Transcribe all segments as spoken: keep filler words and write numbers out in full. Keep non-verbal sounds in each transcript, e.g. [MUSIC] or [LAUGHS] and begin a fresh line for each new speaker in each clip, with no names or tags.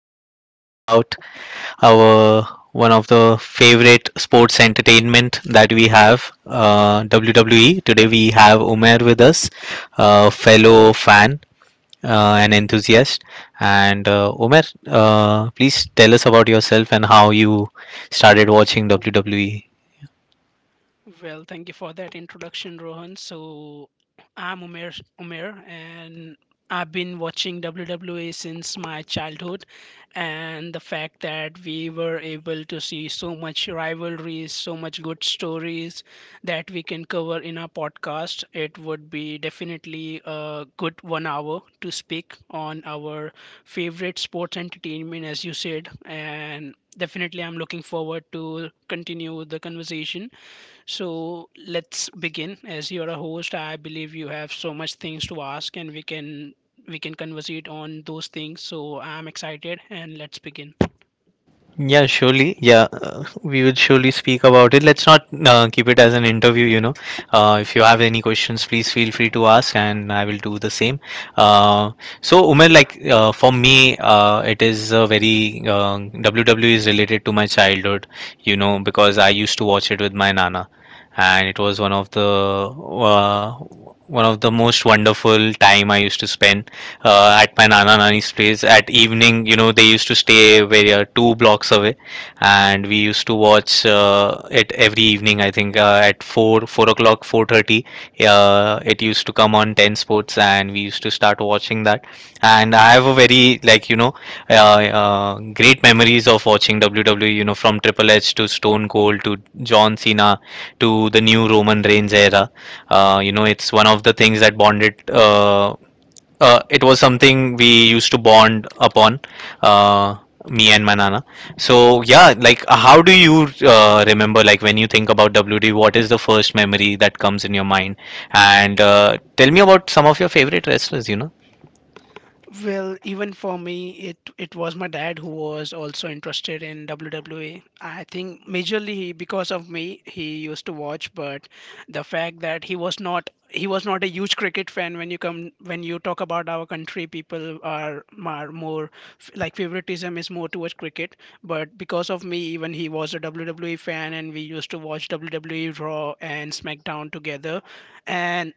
will be talking about our one of the favorite sports entertainment that we have, uh, W W E. Today, we have Umer with us, a fellow fan, uh, an enthusiast. And uh, Umer, uh, please tell us about yourself and how you started watching W W E.
Well, thank you for that introduction, Rohan. So, I'm Umer, Umer, and I've been watching W W E since my childhood. And the fact that we were able to see so much rivalries, so much good stories that we can cover in our podcast, it would be definitely a good one hour to speak on our favorite sports entertainment, as you said. And definitely, I'm looking forward to continue the conversation. So let's begin. As you're a host, I believe you have so much things to ask, and we can we can conversate on those things. So I'm excited, and let's begin.
Yeah, surely. Yeah, uh, we will surely speak about it. Let's not uh, keep it as an interview, you know. Uh, if you have any questions, please feel free to ask, and I will do the same. Uh, so, Umer, like uh, for me, uh, it is a very uh, W W E is related to my childhood, you know, because I used to watch it with my nana, and it was one of the uh, one of the most wonderful time I used to spend uh, at my nana nani's place at evening. You know, they used to stay very uh, two blocks away, and we used to watch uh, it every evening. I think uh, at 4 4 o'clock, four thirty, uh, it used to come on ten sports, and we used to start watching that. And I have a very, like, you know uh, uh, great memories of watching WWE, you know, from Triple H to Stone Cold to John Cena to the new Roman Reigns era. Uh, you know, it's one of the things that bonded, uh, uh, it was something we used to bond upon, uh, me and my nana. So yeah, like, uh, how do you uh, remember, like, when you think about WD, what is the first memory that comes in your mind? And uh, tell me about some of your favorite wrestlers you know
Well, even for me, it it was my dad who was also interested in W W E. I think majorly he, because of me, he used to watch. But the fact that he was not he was not a huge cricket fan. When you come when you talk about our country, people are, are more f- like favoritism is more towards cricket. But because of me, even he was a W W E fan, and we used to watch W W E Raw and SmackDown together. And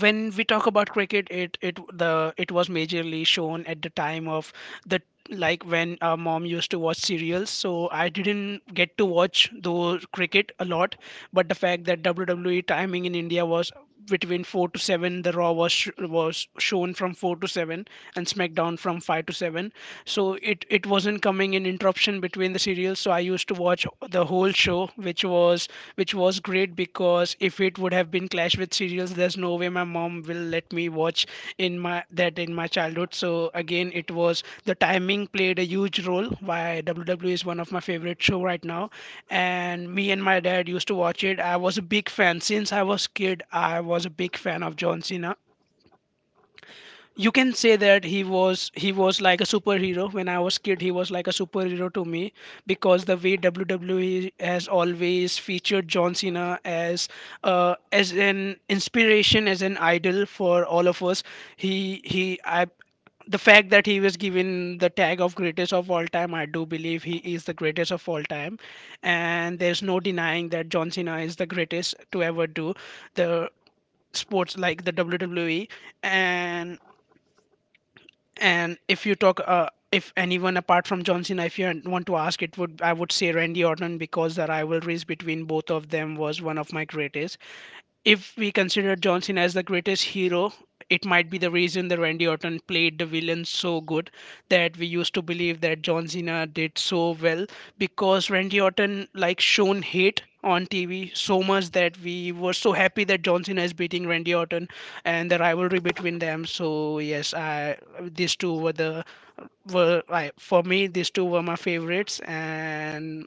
when we talk about cricket, it it the it was majorly shown at the time of the like when our mom used to watch serials, so I didn't get to watch those cricket a lot. But the fact that WWE timing in India was between four to seven, the Raw was sh- was shown from four to seven, and SmackDown from five to seven. So it it wasn't coming in interruption between the the serial. So I used to watch the whole show, which was which was great, because if it would have been clash with serials, there's no way my mom will let me watch in my that in my childhood. So again, it was the timing played a huge role why WWE is one of my favorite show right now. And me and my dad used to watch it. I was a big fan since I was kid. I was a big fan of John Cena. You can say that he was he was like a superhero. When I was kid, he was like a superhero to me, because the way WWE has always featured John Cena as, uh, as an inspiration, as an idol for all of us. He he I The fact that he was given the tag of greatest of all time, I do believe he is the greatest of all time. And there's no denying that John Cena is the greatest to ever do the sports like the WWE. And and if you talk, uh, if anyone apart from John Cena, if you want to ask, it would I would say Randy Orton, because the rivalries between both of them was one of my greatest. If we consider John Cena as the greatest hero, it might be the reason that Randy Orton played the villain so good that we used to believe that John Cena did so well, because Randy Orton like shown hate on T V so much that we were so happy that John Cena is beating Randy Orton and the rivalry between them. So yes, I these two were the were I, for me, these two were my favorites. And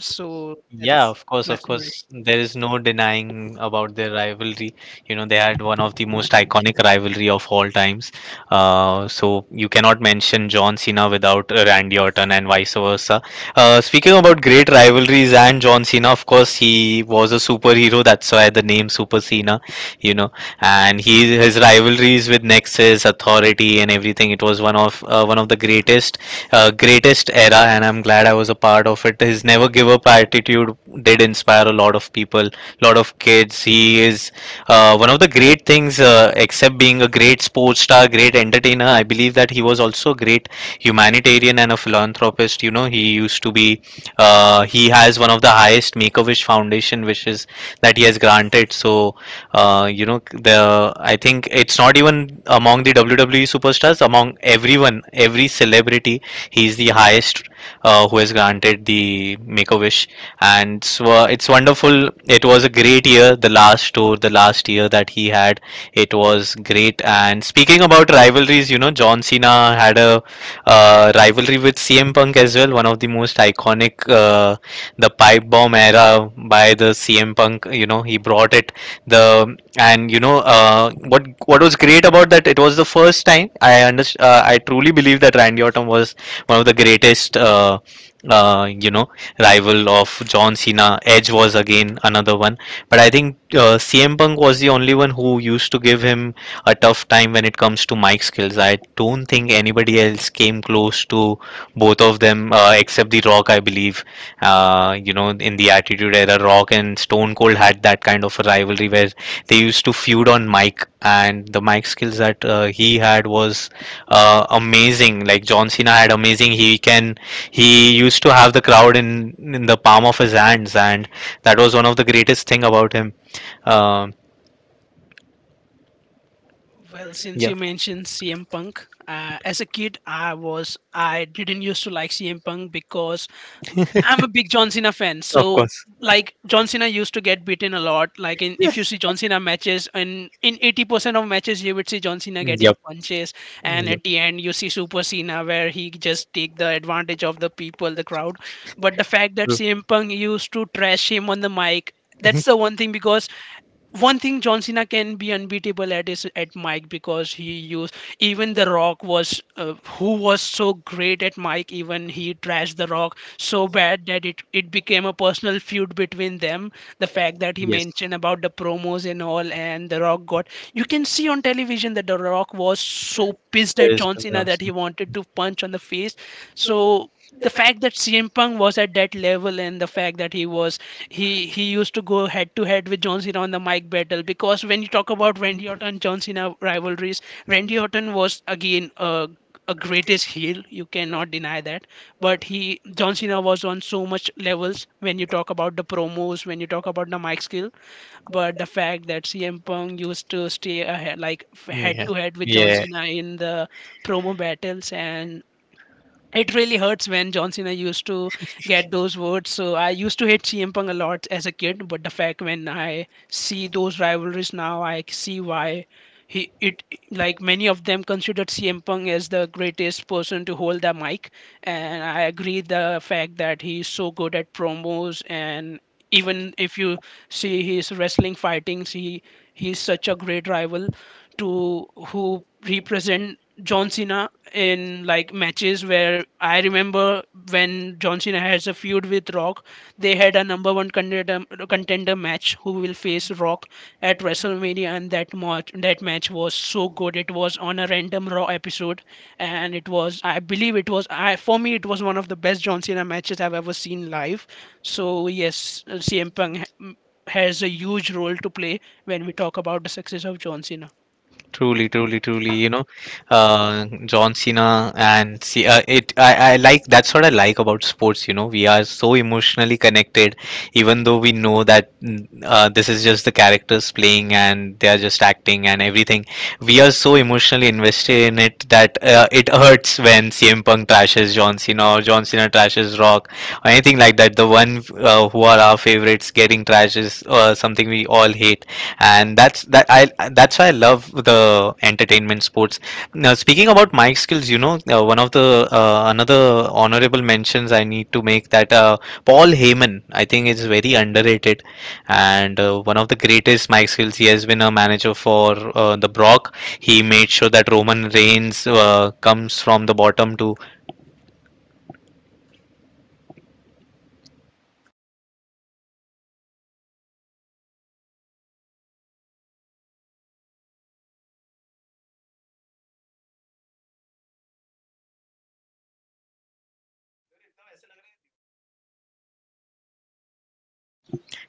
so that's
Yeah, of course,
my
of
story.
course. There is no denying about their rivalry. You know, they had one of the most iconic rivalry of all times. Uh, so you cannot mention John Cena without uh, Randy Orton and vice versa. Uh, speaking about great rivalries and John Cena, of course, he was a superhero. That's why the name Super Cena. You know, and he his rivalries with Nexus, Authority, and everything. It was one of uh, one of the greatest uh, greatest era, and I'm glad I was a part of it. His never give up attitude did inspire a lot of people, lot of kids. He is uh, one of the great things, uh, except being a great sports star, great entertainer. I believe that he was also a great humanitarian and a philanthropist. You know, he used to be, uh, he has one of the highest Make a Wish Foundation wishes that he has granted. So, uh, you know, the I think it's not even among the W W E superstars, among everyone, every celebrity. He's the highest, uh, who has granted the Make a Wish, and so it's wonderful. It was a great year, the last tour, the last year that he had. It was great. And speaking about rivalries, you know, John Cena had a uh, rivalry with C M Punk as well, one of the most iconic, uh, the pipe bomb era by the C M Punk. You know, he brought it the and you know, uh, what what was great about that, it was the first time I under uh, I truly believe that Randy Orton was one of the greatest, uh, uh, you know, rival of John Cena. Edge was again another one, but I think uh, C M Punk was the only one who used to give him a tough time when it comes to mic skills. I don't think anybody else came close to both of them, uh, except The Rock, I believe. Uh, you know, in the Attitude Era, Rock and Stone Cold had that kind of a rivalry where they used to feud on mic, and the mic skills that uh, he had was uh, amazing. Like John Cena had amazing. He can he used to have the crowd in in the palm of his hands, and that was one of the greatest thing about him. Um
Well, since
yeah,
you mentioned C M Punk, uh, as a kid, I was I didn't used to like C M Punk because I'm a big John Cena fan.
of
So,
course.
like, John Cena used to get beaten a lot. Like in if you see John Cena matches, in in eighty percent of matches you would see John Cena getting
Yep.
punches. And
Yep.
at the end you see Super Cena where he just take the advantage of the people, the crowd. But the fact that C M Punk used to trash him on the mic.
Mhm.
That's the one thing, because one thing John Cena can be unbeatable at is at Mike, because he used even The Rock was, uh, who was so great at Mike, even he trashed The Rock so bad that it it became a personal feud between them. The fact that he
Yes.
mentioned about the promos and all, and The Rock got, you can see on television that The Rock was so pissed at
Yes,
John Cena that he wanted to punch on the face. So the fact that C M Punk was at that level, and the fact that he was he he used to go head to head with John Cena on the mic battle, because when you talk about Randy Orton John Cena rivalries, Randy Orton was again a a greatest heel, you cannot deny that. But he John Cena was on so much levels when you talk about the promos, when you talk about the mic skill. But the fact that CM Punk used to stay ahead, like head
yeah.
to head with John
Yeah.
Cena in the promo battles. And it really hurts when John Cena used to get those words. So I used to hate C M Punk a lot as a kid, but the fact when I see those rivalries now, I see why he it like many of them considered C M Punk as the greatest person to hold the mic, and I agree the fact that he's so good at promos. And even if you see his wrestling fightings, he he's such a great rival to who represent John Cena in like matches, where I remember when John Cena has a feud with Rock, they had a number one contender contender match who will face Rock at WrestleMania. And that match that match was so good. It was on a random Raw episode, and it was I believe it was I for me it was one of the best John Cena matches I've ever seen live. So yes, C M Punk ha- has a huge role to play when we talk about the success of John Cena.
Truly, truly, truly. You know, uh, John Cena and see, uh, it. I, I like that's what I like about sports. You know, we are so emotionally connected, even though we know that, mm, uh, this is just the characters playing and they are just acting and everything. We are so emotionally invested in it that uh, it hurts when C M Punk trashes John Cena or John Cena trashes Rock or anything like that. The one, uh, who are our favorites getting trashes, uh, something we all hate, and that's that I that's why I love the entertainment sports. Now speaking about my skills, you know, uh, one of the uh, another honorable mentions I need to make that uh, Paul Heyman I think is very underrated, and uh, one of the greatest Mike skills. He has been a manager for uh, the Brock. He made sure that Roman Reigns uh, comes from the bottom to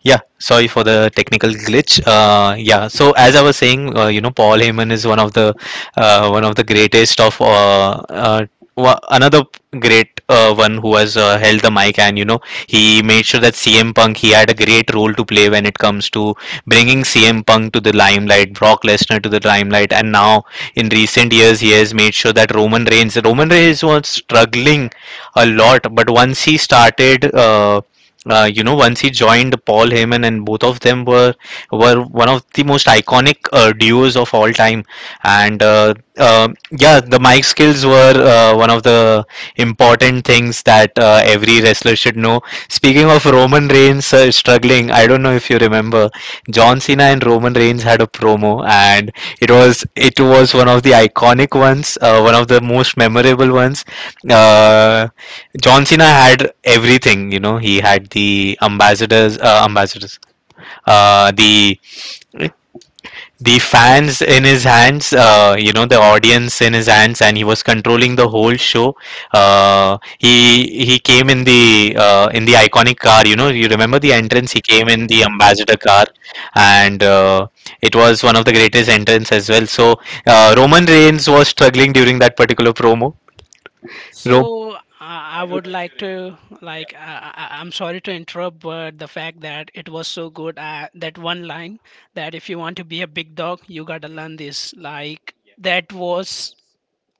Yeah, sorry for the technical glitch. Uh, yeah, so as I was saying, uh, you know, Paul Heyman is one of the uh, one of the greatest of uh, uh, wa- another great uh, one who has uh, held the mic, and you know, he made sure that C M Punk, he had a great role to play when it comes to bringing C M Punk to the limelight, Brock Lesnar to the limelight, and now in recent years he has made sure that Roman Reigns, Roman Reigns was struggling a lot, but once he started. Uh, uh, you know, once he joined Paul Heyman, and both of them were were one of the most iconic uh, duos of all time. And uh, um yeah, the mic skills were uh, one of the important things that uh, every wrestler should know. Speaking of Roman Reigns uh, struggling, I don't know if you remember, John Cena and Roman Reigns had a promo, and it was it was one of the iconic ones, uh, one of the most memorable ones. uh, John Cena had everything, you know. He had the ambassadors, uh, ambassadors, uh, the the fans in his hands, uh, you know, the audience in his hands, and he was controlling the whole show. Uh, he he came in the uh, in the iconic car, you know. You remember the entrance? He came in the ambassador car, and uh, it was one of the greatest entrance as well. So uh, Roman Reigns was struggling during that particular promo. Ro-
So, uh, I would like to, like, I, I, I'm sorry to interrupt, but the fact that it was so good, uh, that one line, that if you want to be a big dog, you gotta learn this. Like, that was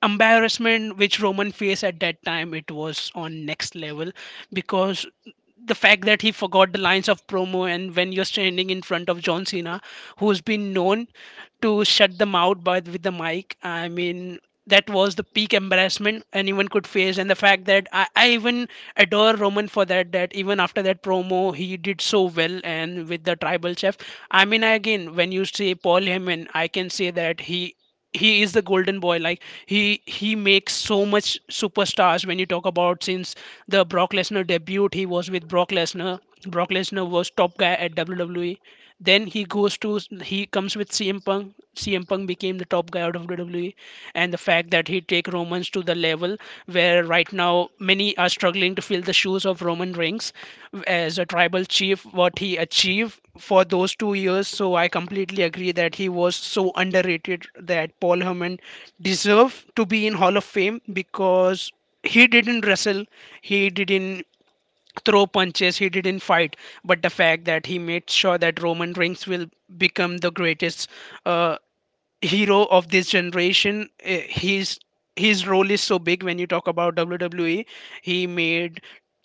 embarrassment which Roman faced at that time, it was on next level, because the fact that he forgot the lines of promo, and when you're standing in front of John Cena, who's been known to shut them out by with the mic, I mean that was the peak embarrassment anyone could face. And the fact that I, I even adore Roman for that, that even after that promo he did so well. And with the tribal chef, I mean, again, when you say Paul Heyman, I can say that he he is the golden boy. Like, he he makes so much superstars when you talk about, since the Brock Lesnar debut, he was with Brock Lesnar. Brock Lesnar was top guy at W W E. Then he goes to he comes with C M Punk. C M Punk became the top guy out of W W E. And the fact that he take Romans to the level level where right now many are struggling to fill the shoes of Roman Reigns as a tribal chief, what he achieved for those two years. So I completely agree that he was so underrated, that Paul Heyman deserved to be in Hall of Fame because he didn't wrestle, he didn't throw punches, he didn't fight, but the fact that he made sure that Roman Reigns will become the greatest. Uh, hero of this generation. Eh, He's his role is so big when you talk about W W E. He made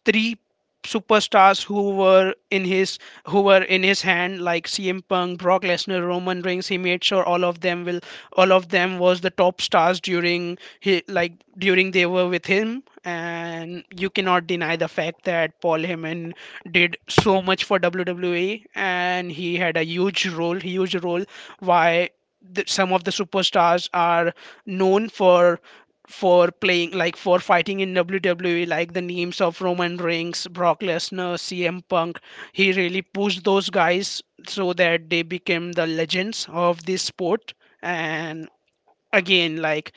three superstars who were in his who were in his hand, like C M Punk, Brock Lesnar, Roman Reigns. He made sure all of them will all of them was the top stars during he like during they were with him. And you cannot deny the fact that Paul Heyman did so much for W W E, and he had a huge role, huge role. Why? the, some of the superstars are known for for playing, like for fighting in W W E, like the names of Roman Reigns, Brock Lesnar, C M Punk. He really pushed those guys so that they became the legends of this sport and again like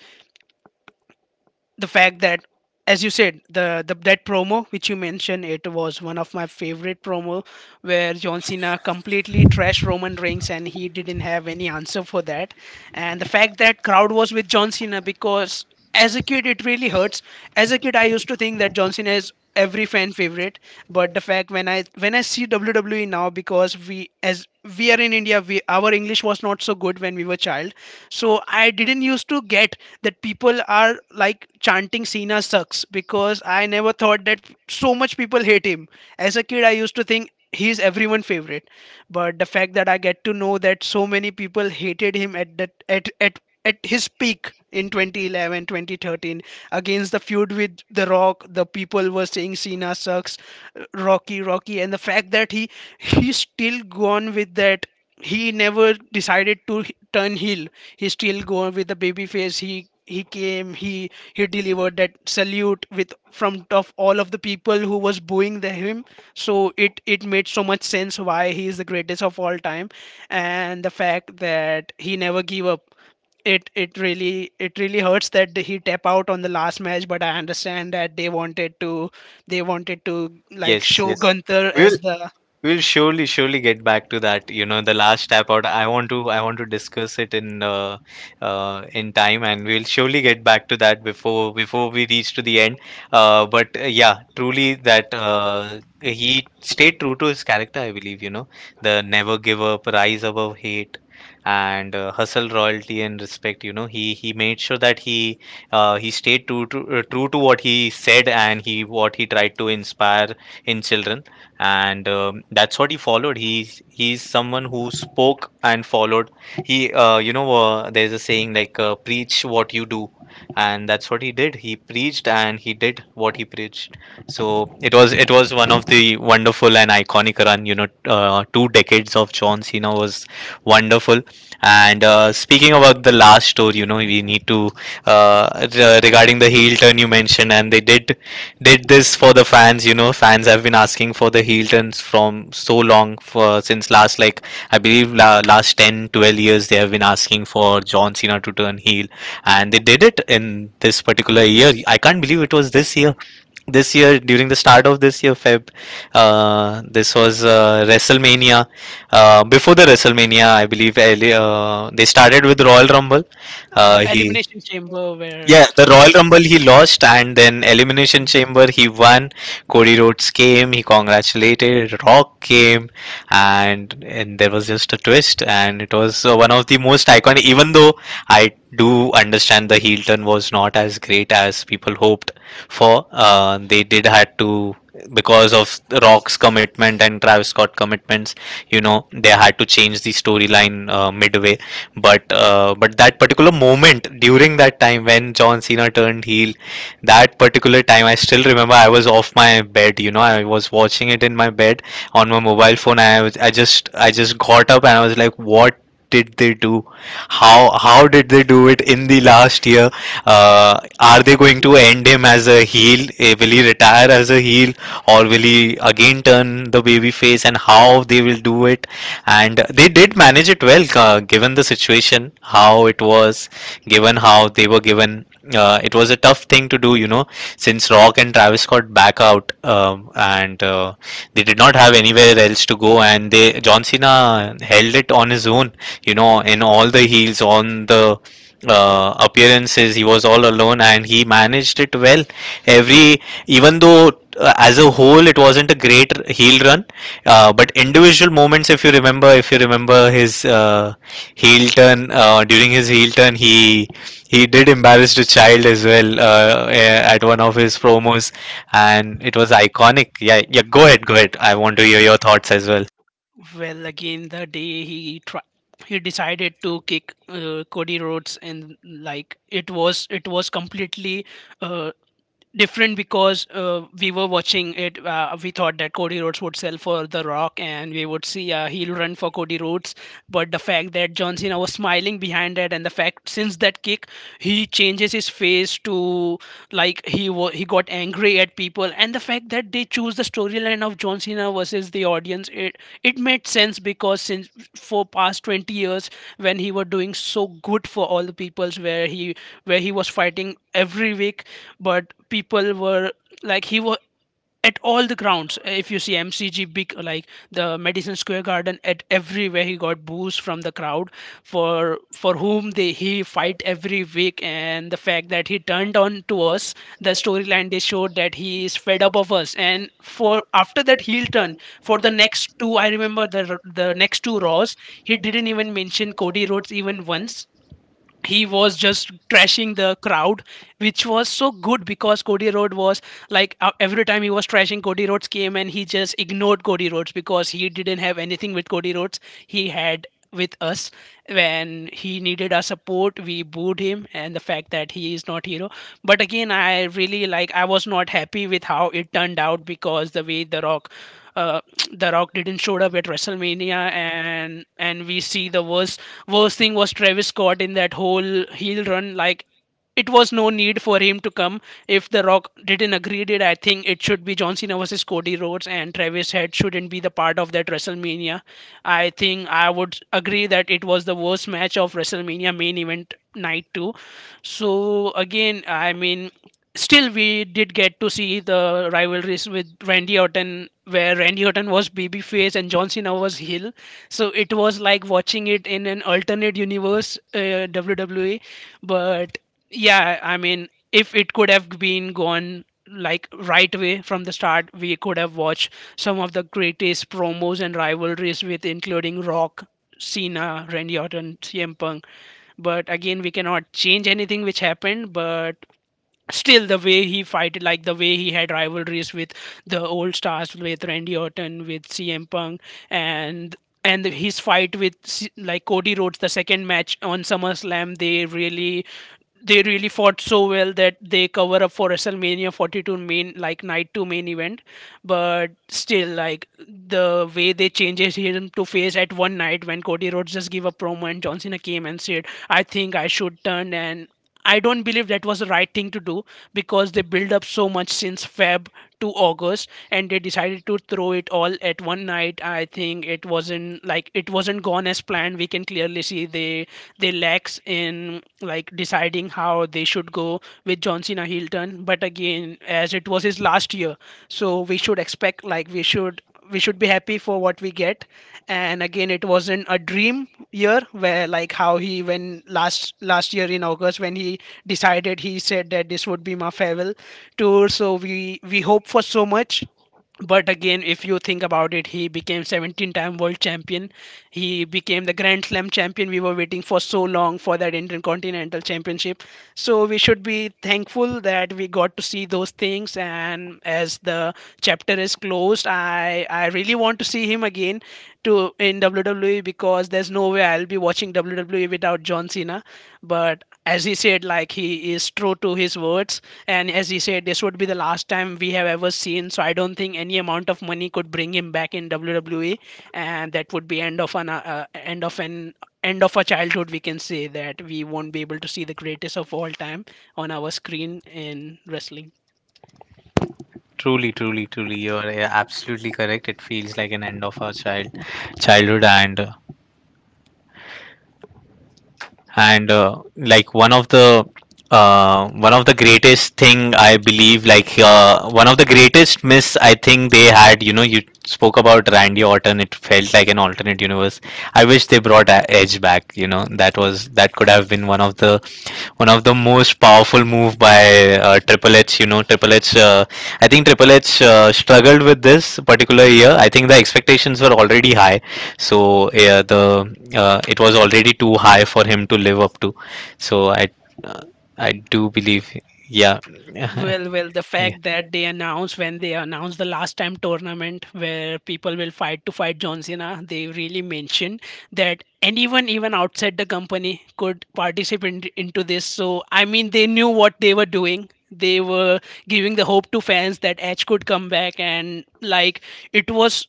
the fact that as you said the, the that promo which you mentioned, it was one of my favorite promo where John Cena completely trashed Roman Reigns and he didn't have any answer for that. And the fact that crowd was with John Cena, because as a kid it really hurts. As a kid I used to think that John Cena is every fan favorite, but the fact when i when i see WWE now, because we as we are in India, we our English was not so good when we were child, so I didn't used to get that people are like chanting Cena sucks, because I never thought that so much people hate him. As a kid I used to think he's everyone favorite, but the fact that I get to know that so many people hated him at that at at at his peak in twenty eleven, twenty thirteen, against the feud with The Rock, the people were saying Cena sucks, Rocky Rocky, and the fact that he he's still gone with that, he never decided to h- turn heel. He still going with the baby face. He he came he he delivered that salute with from of all of the people who was booing the him. So it it made so much sense why he is the greatest of all time, and the fact that he never give up. It it really it really hurts that he tap out on the last match, but I understand that they wanted to, they wanted to like
yes,
show
yes.
Gunther
We
as
will
the
We'll surely, surely get back to that. You know, the last tap out. I want to, I want to discuss it in, uh, uh, in time, and we'll surely get back to that before, before we reach to the end. Uh, but uh, yeah, truly that uh, he stayed true to his character. I believe, you know, the never give up, rise above hate, and uh, hustle royalty and respect. You know, he he made sure that he uh, he stayed true to uh, true to what he said, and he what he tried to inspire in children. And um, that's what he followed. He's he's someone who spoke and followed. He uh, you know, uh, there's a saying like, uh, preach what you do, and that's what he did. He preached and he did what he preached. So it was it was one of the wonderful and iconic run, you know, uh, two decades of John Cena was wonderful. And uh, speaking about the last story, you know, we need to uh, re- regarding the heel turn you mentioned, and they did did this for the fans. You know, fans have been asking for the heel turns from so long for since last, like, I believe la- last ten twelve years they have been asking for John Cena to turn heel, and they did it in this particular year. I can't believe it was this year, this year during the start of this year, feb, uh, this was uh, WrestleMania. Uh, before the WrestleMania, I believe early- uh, they started with Royal Rumble uh,
uh,
he
elimination chamber where
yeah, the
yes.
Royal Rumble he lost, and then Elimination
Yes.
Chamber he won. Cody Rhodes came, he congratulated. Rock came, and and there was just a twist, and it was uh, one of the most iconic. Even though I do understand the heel turn was not as great as people hoped for, uh, they did had to because of Rock's commitment and Travis Scott commitments. You know, they had to change the storyline uh, midway, but uh, but that particular moment during that time when John Cena turned heel, that particular time I still remember I was off my bed. You know, I was watching it in my bed on my mobile phone. I was, I just I just got up and I was like, what did they do? How how did they do it in the last year? Uh, are they going to end him as a heel? Eh, Will he retire as a heel, or will he again turn the baby face? And how they will do it? And they did manage it well, uh, given the situation how it was given, how they were given, uh, it was a tough thing to do you know Since Rock and Travis Scott back out, um, and uh, they did not have anywhere else to go, and they John Cena held it on his own, you know, in all the heels on the uh, appearances. He was all alone and he managed it well. Every even though uh, as a whole it wasn't a great r- heel run, uh, but individual moments, if you remember, if you remember his uh, heel turn uh, during his heel turn, he he did embarrass the child as well, uh, a- at one of his
uh,
promos, and it was iconic. Yeah, yeah. Go ahead, go ahead. I want to hear your thoughts as well.
Well, again, the day he tri- he decided to kick uh, Cody Rhodes, and like it was it was completely uh, different, because uh, we were watching it. Uh, we thought that Cody Rhodes would sell for The Rock, and we would see a heel run for Cody Rhodes. But the fact that John Cena was smiling behind that, and the fact since that kick, he changes his face to like he wa- he got angry at people, and the fact that they choose the storyline of John Cena versus the audience, it it made sense because since for past twenty years when he was doing so good for all the peoples, where he where he was fighting every week, but people were like he was at all the grounds. If you see M C G, big like the Madison Square Garden, at everywhere he got boos from the crowd, for for whom they he fight every week. And the fact that he turned on to us, the storyline they showed that he is fed up of us, and for after that heel turn, for the next two, I remember the the next two Raws, he didn't even mention Cody Rhodes even once. He was just trashing the crowd, which was so good, because Cody Rhodes was like, uh, every time he was trashing, Cody Rhodes came and he just ignored Cody Rhodes, because he didn't have anything with Cody Rhodes. He had with us. When he needed our support we booed him, and the fact that he is not hero. But again, I really like I was not happy with how it turned out, because the way The Rock, uh, [TSK] the Rock didn't show up at WrestleMania, and and we see the worst. Worst thing was Travis Scott in that whole heel run. Like, it was no need for him to come. If The Rock didn't agree it, I think it should be John Cena versus Cody Rhodes, and Travis Head shouldn't be the part of that WrestleMania. I think I would agree that it was the worst match of WrestleMania main event night two. So again, I mean, still we did get to see the rivalries with Randy Orton, where Randy Orton was babyface and John Cena was heel, so it was like watching it in an alternate universe uh, WWE. But yeah, I mean if it could have been gone like right away from the start, we could have watched some of the greatest promos and rivalries with including Rock, Cena, Randy Orton, CM Punk. But again, we cannot change anything which happened, but still the way he fight, like the way he had rivalries with the old stars, with Randy Orton, with C M Punk, and and his fight with C- like Cody Rhodes, the second match on SummerSlam, they really they really fought so well that they cover up for WrestleMania forty-two main like night two main event. But still, like the way they changes him to face at one night, when Cody Rhodes just give a promo and John Cena came and said, "I think I should turn," and I don't believe that was the right thing to do, because they build up so much since Feb to August, and they decided to throw it all at one night. I think it wasn't like it wasn't gone as planned. We can clearly see they they lacks in like deciding how they should go with John Cena heel turn. But again, as it was his last year, so we should expect like we should we should be happy for what we get. And again, it wasn't a dream year, where like how he when last last year in August when he decided, he said that this would be my farewell tour. So we we hope for so much. But again, if you think about it, he became seventeen time world champion, he became the grand slam champion. We were waiting for so long for that intercontinental championship, so we should be thankful that we got to see those things. And as the chapter is closed, i i really want to see him again to in WWE, because there's no way I'll be watching WWE without John Cena. But as he said, like he is true to his words, and as he said this would be the last time we have ever seen, so I don't think any amount of money could bring him back in WWE. And that would be end of an uh, uh, end of an end of a childhood, we can say that. We won't be able to see the greatest of all time on our screen in wrestling.
Truly, truly, truly, you are uh, absolutely correct. It feels like an end of our child childhood, and uh, and uh, like one of the uh, one of the greatest thing I believe, like uh, one of the greatest miss I think they had. You know, you spoke about Randy Orton. It felt like an alternate universe. I wish they brought A- Edge back. You know, that was, that could have been one of the, one of the most powerful move by uh, Triple H. You know, Triple H. Uh, I think Triple H uh, struggled with this particular year. I think the expectations were already high, so yeah, the, uh, it was already too high for him to live up to. So I, uh, I do believe, yeah. [LAUGHS]
Well, well, the
Yeah.
fact that they announced, when they announced the last time tournament where people will fight to fight John Cena, they really mentioned that anyone even outside the company could participate in- into this. So I mean, they knew what they were doing. They were giving the hope to fans that Edge could come back, and like it was,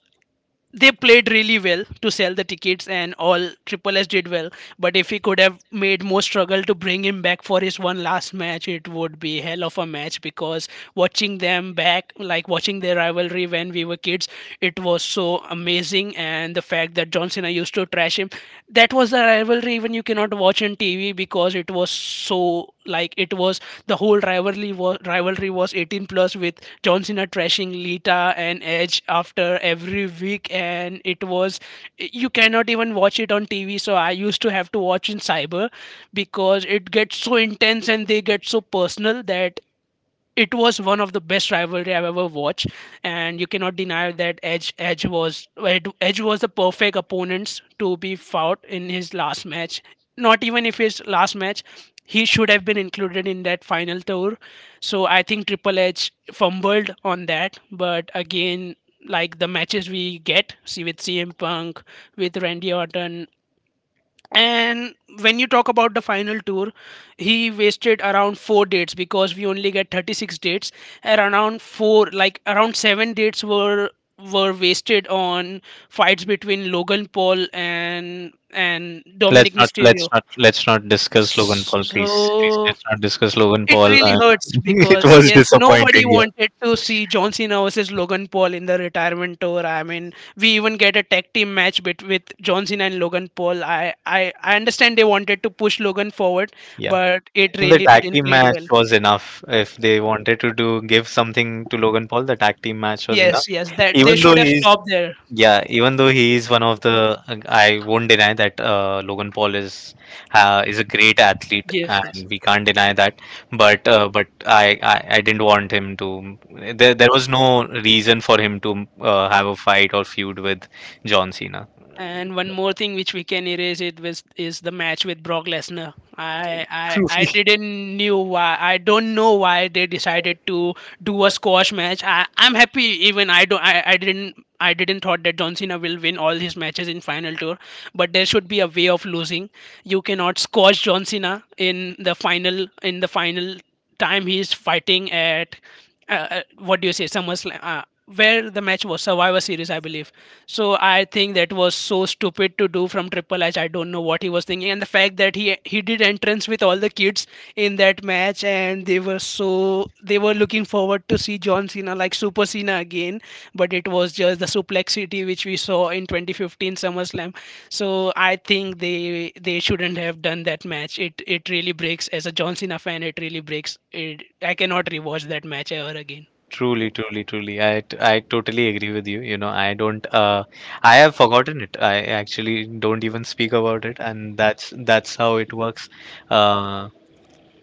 they played really well to sell the tickets, and all Triple S did well. But if he could have made more struggle to bring him back for his one last match, it would be hell of a match, because watching them back, like watching their rivalry when we were kids, it was so amazing. And the fact that John Cena used to trash him, that was the rivalry, even you can cannot watch in T V because it was so like it was the whole rivalry was, rivalry was eighteen plus, with John Cena trashing Lita and Edge after every week, and it was you cannot even watch it on T V. So I used to have to watch in cyber, because it gets so intense and they get so personal. That it was one of the best rivalry I've ever watched, and you cannot deny that Edge Edge was Ed- Edge was the perfect opponent to be fought in his last match. Not even if his last match, he should have been included in that final tour. So I think Triple H fumbled on that, but again, like the matches we get, see with C M Punk, with Randy Orton, and when you talk about the final tour, he wasted around four dates, because we only get thirty-six dates, and around four, like around seven dates were were wasted on fights between Logan Paul and and
Let's
Dominic
not let's
Mysterio.
not let's not discuss Logan Paul, please.
So
Let's not discuss Logan
it
Paul.
really
And
hurts,
[LAUGHS] it
because
was
yes, nobody
disappointing. Yeah.
wanted to see John Cena versus Logan Paul in the retirement tour. I mean, we even get a tag team match bet with John Cena and Logan Paul. I, I I understand they wanted to push Logan forward,
Yeah.
but
I
it
think the
really
tag
didn't
team
play
match
well.
was enough. If they wanted to do give something to Logan Paul, the tag team match was enough.
Yes, yes, that they
Even though
should have
he's
stopped there.
yeah, Even though he is one of the, uh, I won't deny that uh, Logan Paul is uh, is a great athlete,
Yes, yes.
and we can't deny that. But uh, but I, I I didn't want him to. There there was no reason for him to uh, have a fight or feud with John Cena.
And one more thing which we can erase it with is the match with Brock Lesnar. I I I didn't knew why, I don't know why they decided to do a squash match. I I'm happy, even I don't I, I didn't I didn't thought that John Cena will win all his matches in final tour, but there should be a way of losing. You cannot squash John Cena in the final in the final time he's fighting at uh, uh, what do you say, SummerSlam, uh, where the match was Survivor Series I believe. So I think that was so stupid to do from Triple H. I don't know what he was thinking, and the fact that he he did entrance with all the kids in that match, and they were so they were looking forward to see John Cena like Super Cena again, but it was just the suplexity which we saw in twenty fifteen SummerSlam. So I think they they shouldn't have done that match. It it really breaks as a John Cena fan. It really breaks. It, I cannot rewatch that match ever again.
Truly, truly, truly. I, t- I totally agree with you. You know, I don't uh I have forgotten it. I actually don't even speak about it, and that's that's how it works. Uh,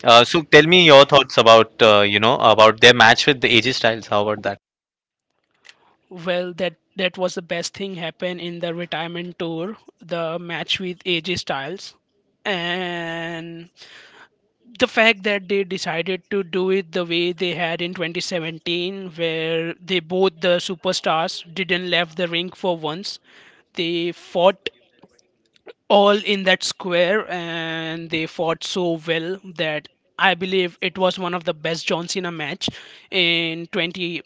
uh so tell me your thoughts about, uh, you know, about their match with the A J Styles. How about that?
Well, that that was the best thing happened in the retirement tour. The match with A J Styles, and the fact that they decided to do it the way they had in twenty seventeen, where they both, the superstars, didn't left the ring for once, they fought all in that square, and they fought so well that I believe it was one of the best John Cena match in 20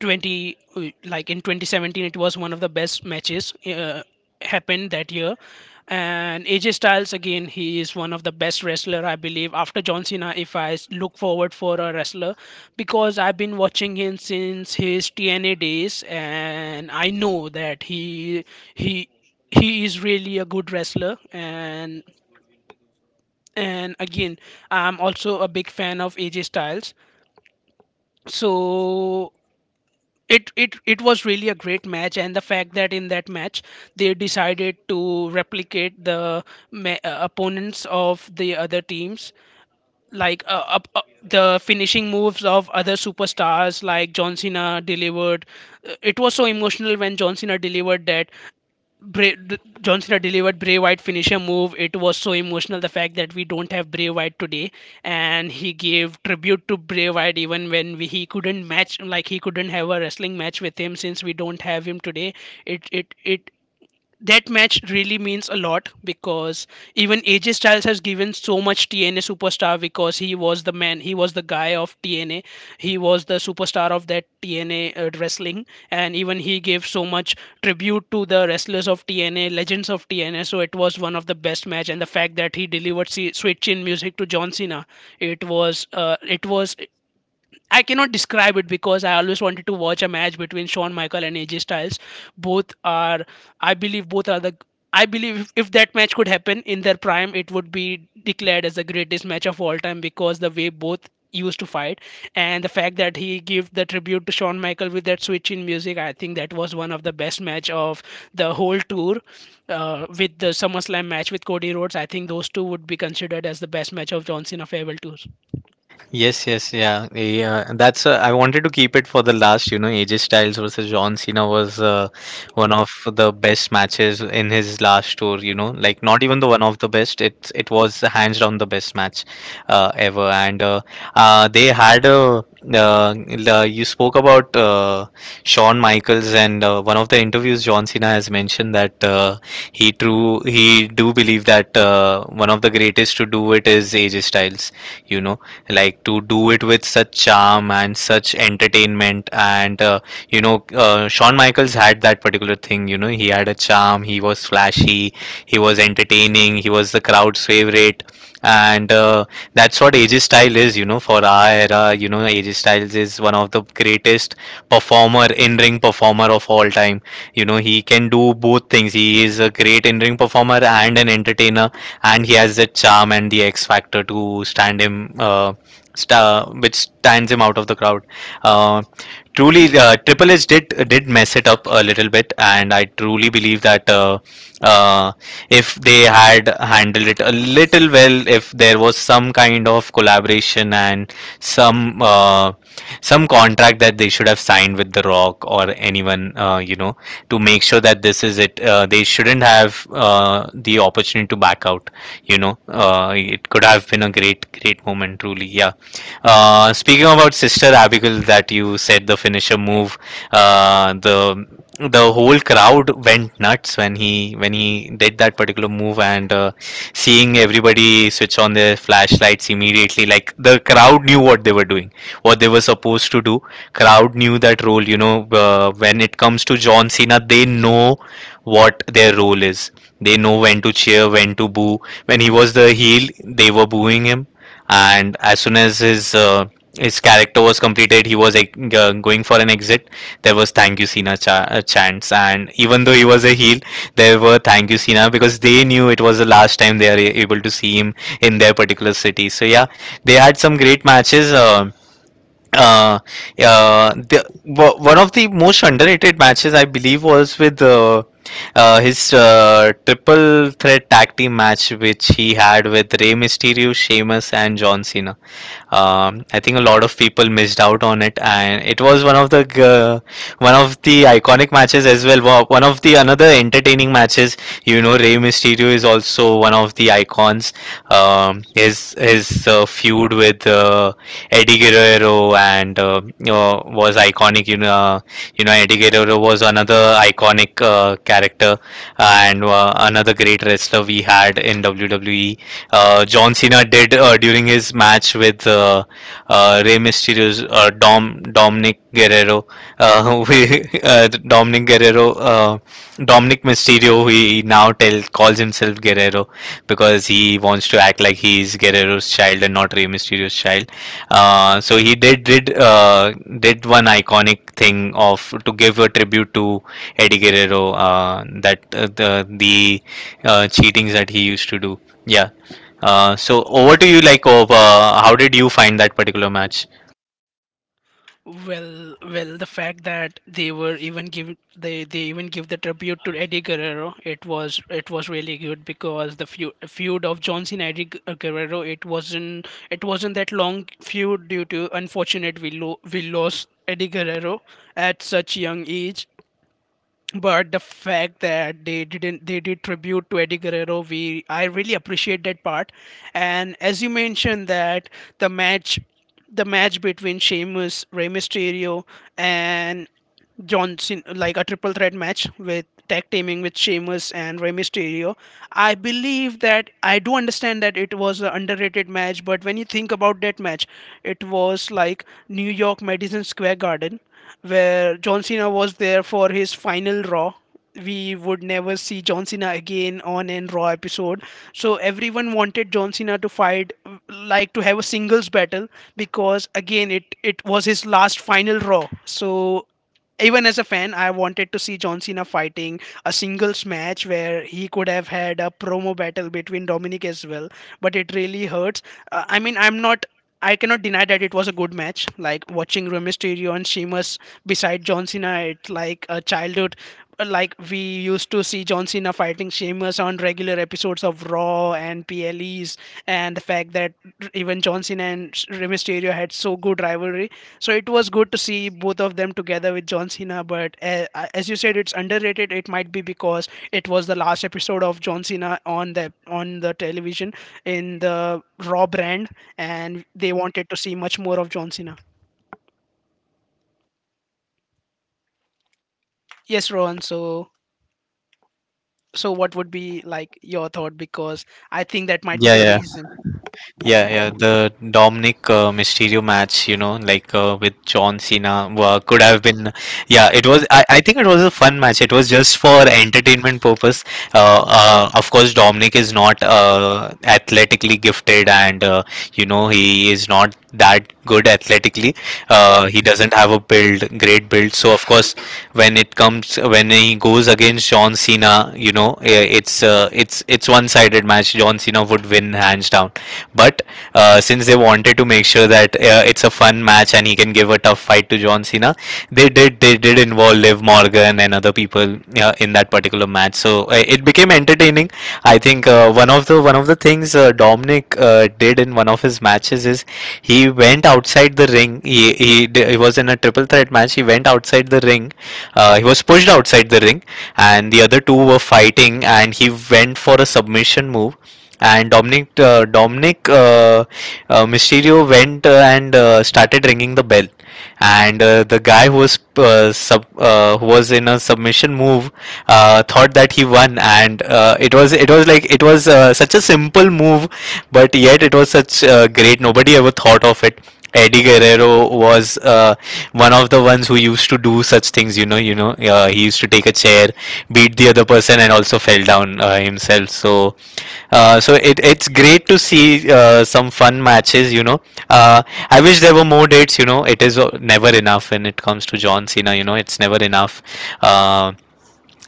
20 uh, like in twenty seventeen. It was one of the best matches uh, happened that year. And A J Styles again, he is one of the best wrestler, I believe, after John Cena. If I s- look forward for a wrestler, because I've been watching him since his T N A days, and I know that he he he is really a good wrestler. And and again, I'm also a big fan of A J Styles, so it it it was really a great match, and the fact that in that match they decided to replicate the ma- uh, opponents of the other teams, like uh, up, up the finishing moves of other superstars, like John Cena delivered. Uh, It was so emotional when John Cena delivered that. Bray, th- John Cena delivered Bray White finisher move. It was so emotional, the fact that we don't have Bray White today, and he gave tribute to Bray White, even when we, he couldn't match, like he couldn't have a wrestling match with him since we don't have him today. It it it that match really means a lot, because even A J Styles has given so much T N A superstar, because he was the man, he was the guy of T N A, he was the superstar of that T N A uh, wrestling, and even he gave so much tribute to the wrestlers of T N A, legends of T N A. So it was one of the best match, and the fact that he delivered se- sweet chin music to John Cena, it was uh, it was I cannot describe it, because I always wanted to watch a match between Shawn Michael and A J Styles. Both are, I believe, both are the. I believe if, if that match could happen in their prime, it would be declared as the greatest match of all time because the way both used to fight. And the fact that he gave the tribute to Shawn Michael with that switch in music, I think that was one of the best match of the whole tour. Uh, with the SummerSlam match with Cody Rhodes, I think those two would be considered as the best match of John Cena farewell tour.
Yes, yes, yeah, yeah. That's, uh, I wanted to keep it for the last. You know, A J Styles versus John Cena was uh, one of the best matches in his last tour. You know, like not even the one of the best. It it was hands down the best match uh, ever. And uh, uh, they had a, uh, uh, you spoke about uh, Shawn Michaels, and uh, one of the interviews John Cena has mentioned that, uh, he true he do believe that, uh, one of the greatest to do it is A J Styles. You know, like to do it with such charm and such entertainment, and uh, you know, uh, Shawn Michaels had that particular thing, you know, he had a charm, he was flashy, he was entertaining, he was the crowd's favorite. And uh, that's what A J Style is, you know, for our era. You know, A J Styles is one of the greatest performer, in ring performer, of all time. You know, he can do both things, he is a great in ring performer and an entertainer, and he has the charm and the X factor to stand him, uh, st- which stands him out of the crowd. Uh, Truly, uh, Triple H did did mess it up a little bit, and I truly believe that, uh, uh, if they had handled it a little well, if there was some kind of collaboration and some, uh, some contract that they should have signed with The Rock or anyone, uh, you know, to make sure that this is it, uh, they shouldn't have, uh, the opportunity to back out, you know. Uh, it could have been a great, great moment truly, yeah. Uh, speaking about Sister Abigail, that you said the finisher move, uh, the the whole crowd went nuts when he, when he did that particular move, and uh, seeing everybody switch on their flashlights immediately, like the crowd knew what they were doing, what they were supposed to do. Crowd knew that role, you know, uh, when it comes to John Cena, they know what their role is. They know when to cheer, when to boo. When he was the heel, they were booing him, and as soon as his, uh, his character was completed, he was like, uh, going for an exit. There was thank you Cena cha- uh, chants, and even though he was a heel, there were thank you Cena, because they knew it was the last time they are a- able to see him in their particular city. So yeah, they had some great matches. Uh, uh, uh, the, wo- One of the most underrated matches I believe was with, uh, uh, his, uh, triple threat tag team match which he had with Rey Mysterio, Sheamus, and John Cena. Um, I think a lot of people missed out on it, and it was one of the g- uh, one of the iconic matches as well. Wa- One of the another entertaining matches. You know, Rey Mysterio is also one of the icons. Um, his his uh, feud with, uh, Eddie Guerrero, and, uh, you know, was iconic. You know, you know, Eddie Guerrero was another iconic, uh, character, and, uh, another great wrestler we had in W W E. Uh, John Cena did, uh, during his match with, uh, uh, Rey Mysterio's, uh, Dom Dominic Guerrero. Uh, [LAUGHS] we, uh, Dominic Guerrero, uh, Dominic Mysterio. He now tell calls himself Guerrero because he wants to act like he's Guerrero's child and not Rey Mysterio's child. Uh, so he did did uh, did one iconic thing of to give a tribute to Eddie Guerrero, uh, that uh, the the uh, cheatings that he used to do. Yeah. Uh, so over to you, like, oh, uh, how did you find that particular match?
Well, well, the fact that they were even give they they even give the tribute to Eddie Guerrero, it was it was really good, because the feud, feud of John Cena Eddie Gu- uh, Guerrero, it wasn't it wasn't that long feud, due to unfortunate we lo- we lost Eddie Guerrero at such young age. But the fact that they didn't they did tribute to Eddie Guerrero, we I really appreciate that part. And as you mentioned that the match the match between Sheamus, Rey Mysterio, and Johnson, like a triple threat match with tag teaming with Sheamus and Rey Mysterio. I believe that I do understand that it was an underrated match, but when you think about that match, it was like New York Madison Square Garden, where John Cena was there for his final Raw. We would never see John Cena again on an Raw episode. So everyone wanted John Cena to fight, like to have a singles battle, because again, it it was his last final Raw. So even as a fan, I wanted to see John Cena fighting a singles match where he could have had a promo battle between Dominic as well. But it really hurts. Uh, I mean, I'm not. I cannot deny that it was a good match. Like watching Rey Mysterio and Sheamus beside John Cena, it's like a childhood, like we used to see John Cena fighting Sheamus on regular episodes of Raw and P L Es, and the fact that even John Cena and Rey Mysterio had so good rivalry. So it was good to see both of them together with John Cena. But uh, as you said, it's underrated. It might be because it was the last episode of John Cena on the on the television in the Raw brand, and they wanted to see much more of John Cena. Yes, Rohan. So So, what would be like your thought? Because I think that might be
Yeah,
the
yeah.
reason.
Yeah, yeah, the Dominic, uh, Mysterio match, you know, like, uh, with John Cena, wa- could have been. Yeah, it was. I, I think it was a fun match. It was just for entertainment purpose. Uh, uh, of course, Dominic is not, uh, athletically gifted, and, uh, you know, he is not that good athletically. Uh, he doesn't have a build, great build. So of course, when it comes when he goes against John Cena, you know, eh, it's uh, it's, it's one-sided match. John Cena would win hands down. But uh, since they wanted to make sure that, uh, it's a fun match and he can give a tough fight to John Cena, they did they did involve Liv Morgan and other people, uh, in that particular match. So uh, it became entertaining. I think, uh, one of the one of the things, uh, Dominic, uh, did in one of his matches is he went outside the ring. He he, d- he was in a triple threat match. He went outside the ring. Uh, he was pushed outside the ring, and the other two were fighting, and he went for a submission move, and Dominic uh, Dominic uh, uh, Mysterio went, uh, and, uh, started ringing the bell, and, uh, the guy who was, uh, sub uh, who was in a submission move, uh, thought that he won, and, uh, it was it was like it was uh, such a simple move, but yet it was such, uh, great. Nobody ever thought of it. Eddie Guerrero was, uh, one of the ones who used to do such things. You know, you know, uh, he used to take a chair, beat the other person, and also fell down, uh, himself. So uh, so it, it's great to see, uh, some fun matches, you know. Uh, I wish there were more dates, you know. It is, uh, never enough when it comes to John Cena, you know. It's never enough. Uh,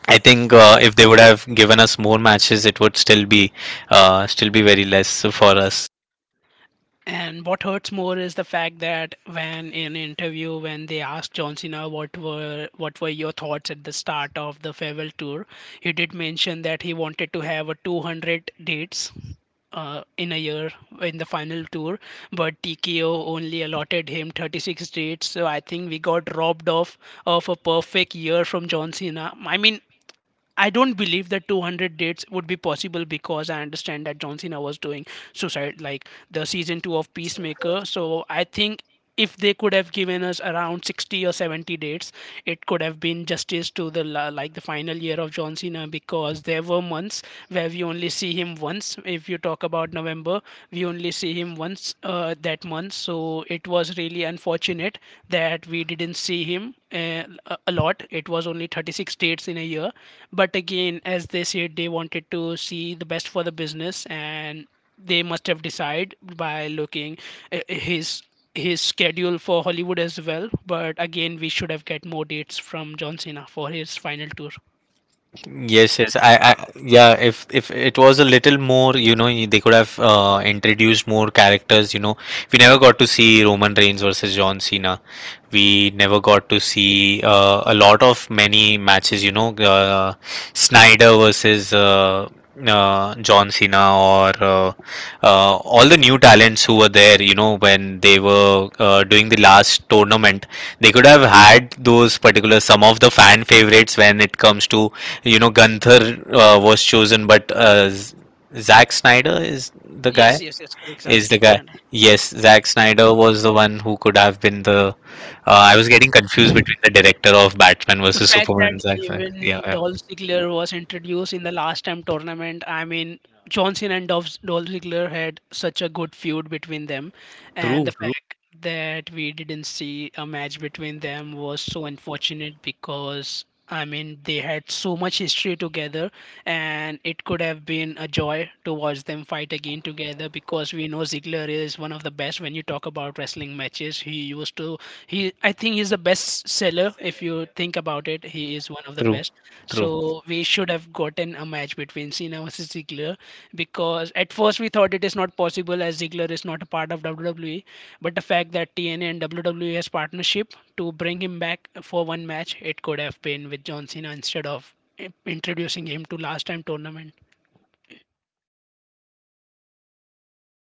I think, uh, if they would have given us more matches, it would still be, uh, still be very less for us.
And what hurts more is the fact that when in interview, when they asked John Cena what were what were your thoughts at the start of the farewell tour, he did mention that he wanted to have a two hundred dates uh, in a year in the final tour, but T K O only allotted him thirty-six dates. So I think we got robbed off of a perfect year from John Cena. I mean, I don't believe that two hundred dates would be possible because I understand that John Cena was doing Suicide, like the season two of Peacemaker. So I think if they could have given us around sixty or seventy dates, it could have been justice to the la- like the final year of John Cena, because there were months where we only see him once. If you talk about November, we only see him once. Uh, that months, so it was really unfortunate that we didn't see him uh, a a lot. It was only thirty-six dates in a year, but again, as they said, they wanted to see the best for the business, and they must have decided by looking uh, his his schedule for Hollywood as well. But again, we should have get more dates from John Cena for his final tour.
Yes, yes. I, I, yeah. If if it was a little more, you know, they could have, uh, introduced more characters. You know, we never got to see Roman Reigns versus John Cena. We never got to see uh, a lot of many matches. You know, uh, Snyder versus uh, uh, John Cena or uh, uh, all the new talents who were there. You know, when they were uh, doing the last tournament, they could have had those particular some of the fan favorites when it comes to you know, Gunther uh, was chosen, but uh, Z- Zack Snyder is the guy.
Yes,
Yes,
yes, yes, correct, Zack-
Is the
Zack
guy?
Snyder.
Yes, Zack Snyder was the one who could have been the. Uh, I was getting confused between the director of Batman
The
versus
fact that
Superman, Zack Snyder. Yeah,
even
yeah.
Dolph Ziggler was introduced in the last time tournament, I mean, John Cena and Dolph, Dolph Ziggler had such a good feud between them, and the
True, true,
fact that we didn't see a match between them was so unfortunate, because I mean they had so much history together, and it could have been a joy to watch them fight again together because we know Ziggler is one of the best when you talk about wrestling matches. He used to he I think he's the best seller, if you think about it, he is one of the
true,
best.
true.
So we should have gotten a match between Cena versus Ziggler, because at first we thought it is not possible as Ziggler is not a part of WWE, but the fact that TNA and WWE has partnership to bring him back for one match, it could have been with John Cena instead of i- introducing him to last time tournament.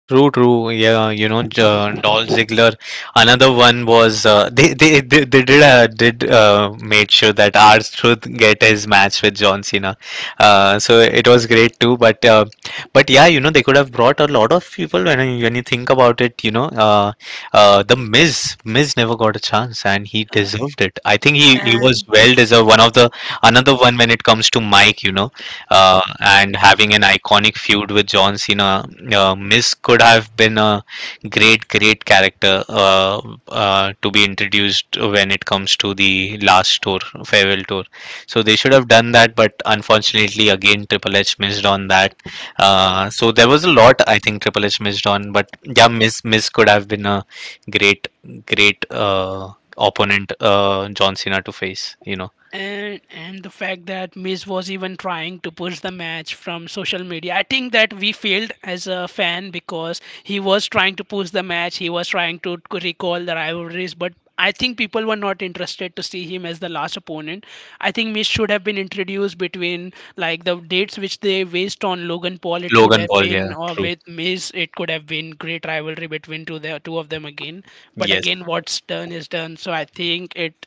True, true. Yeah, you know, J- Dolph Ziggler. Another one was uh, they, they they they did uh, did uh, made sure that R Truth get his match with John Cena. Uh, so it was great too. But uh, but yeah, you know, they could have brought a lot of people when you- when you think about it. You know, uh, uh, the Miz Miz never got a chance and he
Uh,
deserved it. I think he he Yes. was well deserved. One of the another one when it comes to Mike. You know uh, and having an iconic feud with John Cena. Uh, Miz could have been a great, great character uh, uh, to be introduced when it comes to the last tour, farewell tour. So they should have done that, but unfortunately, again, Triple H missed on that. Uh, so there was a lot I think Triple H missed on, but yeah, Miz Miz could have been a great, great uh, opponent uh, John Cena to face. You know,
and and the fact that Miz was even trying to push the match from social media. I think that we failed as a fan because he was trying to push the match. He was trying to recall the rivalries, but I think people were not interested to see him as the last opponent. I think Miz should have been introduced between like the dates which they waste on Logan Paul. It should
Logan
have
Paul. Yeah,
been or
true.
with Miz. It could have been great rivalry between two the two of them again. But
Yes.
again, what's done is done. So I think it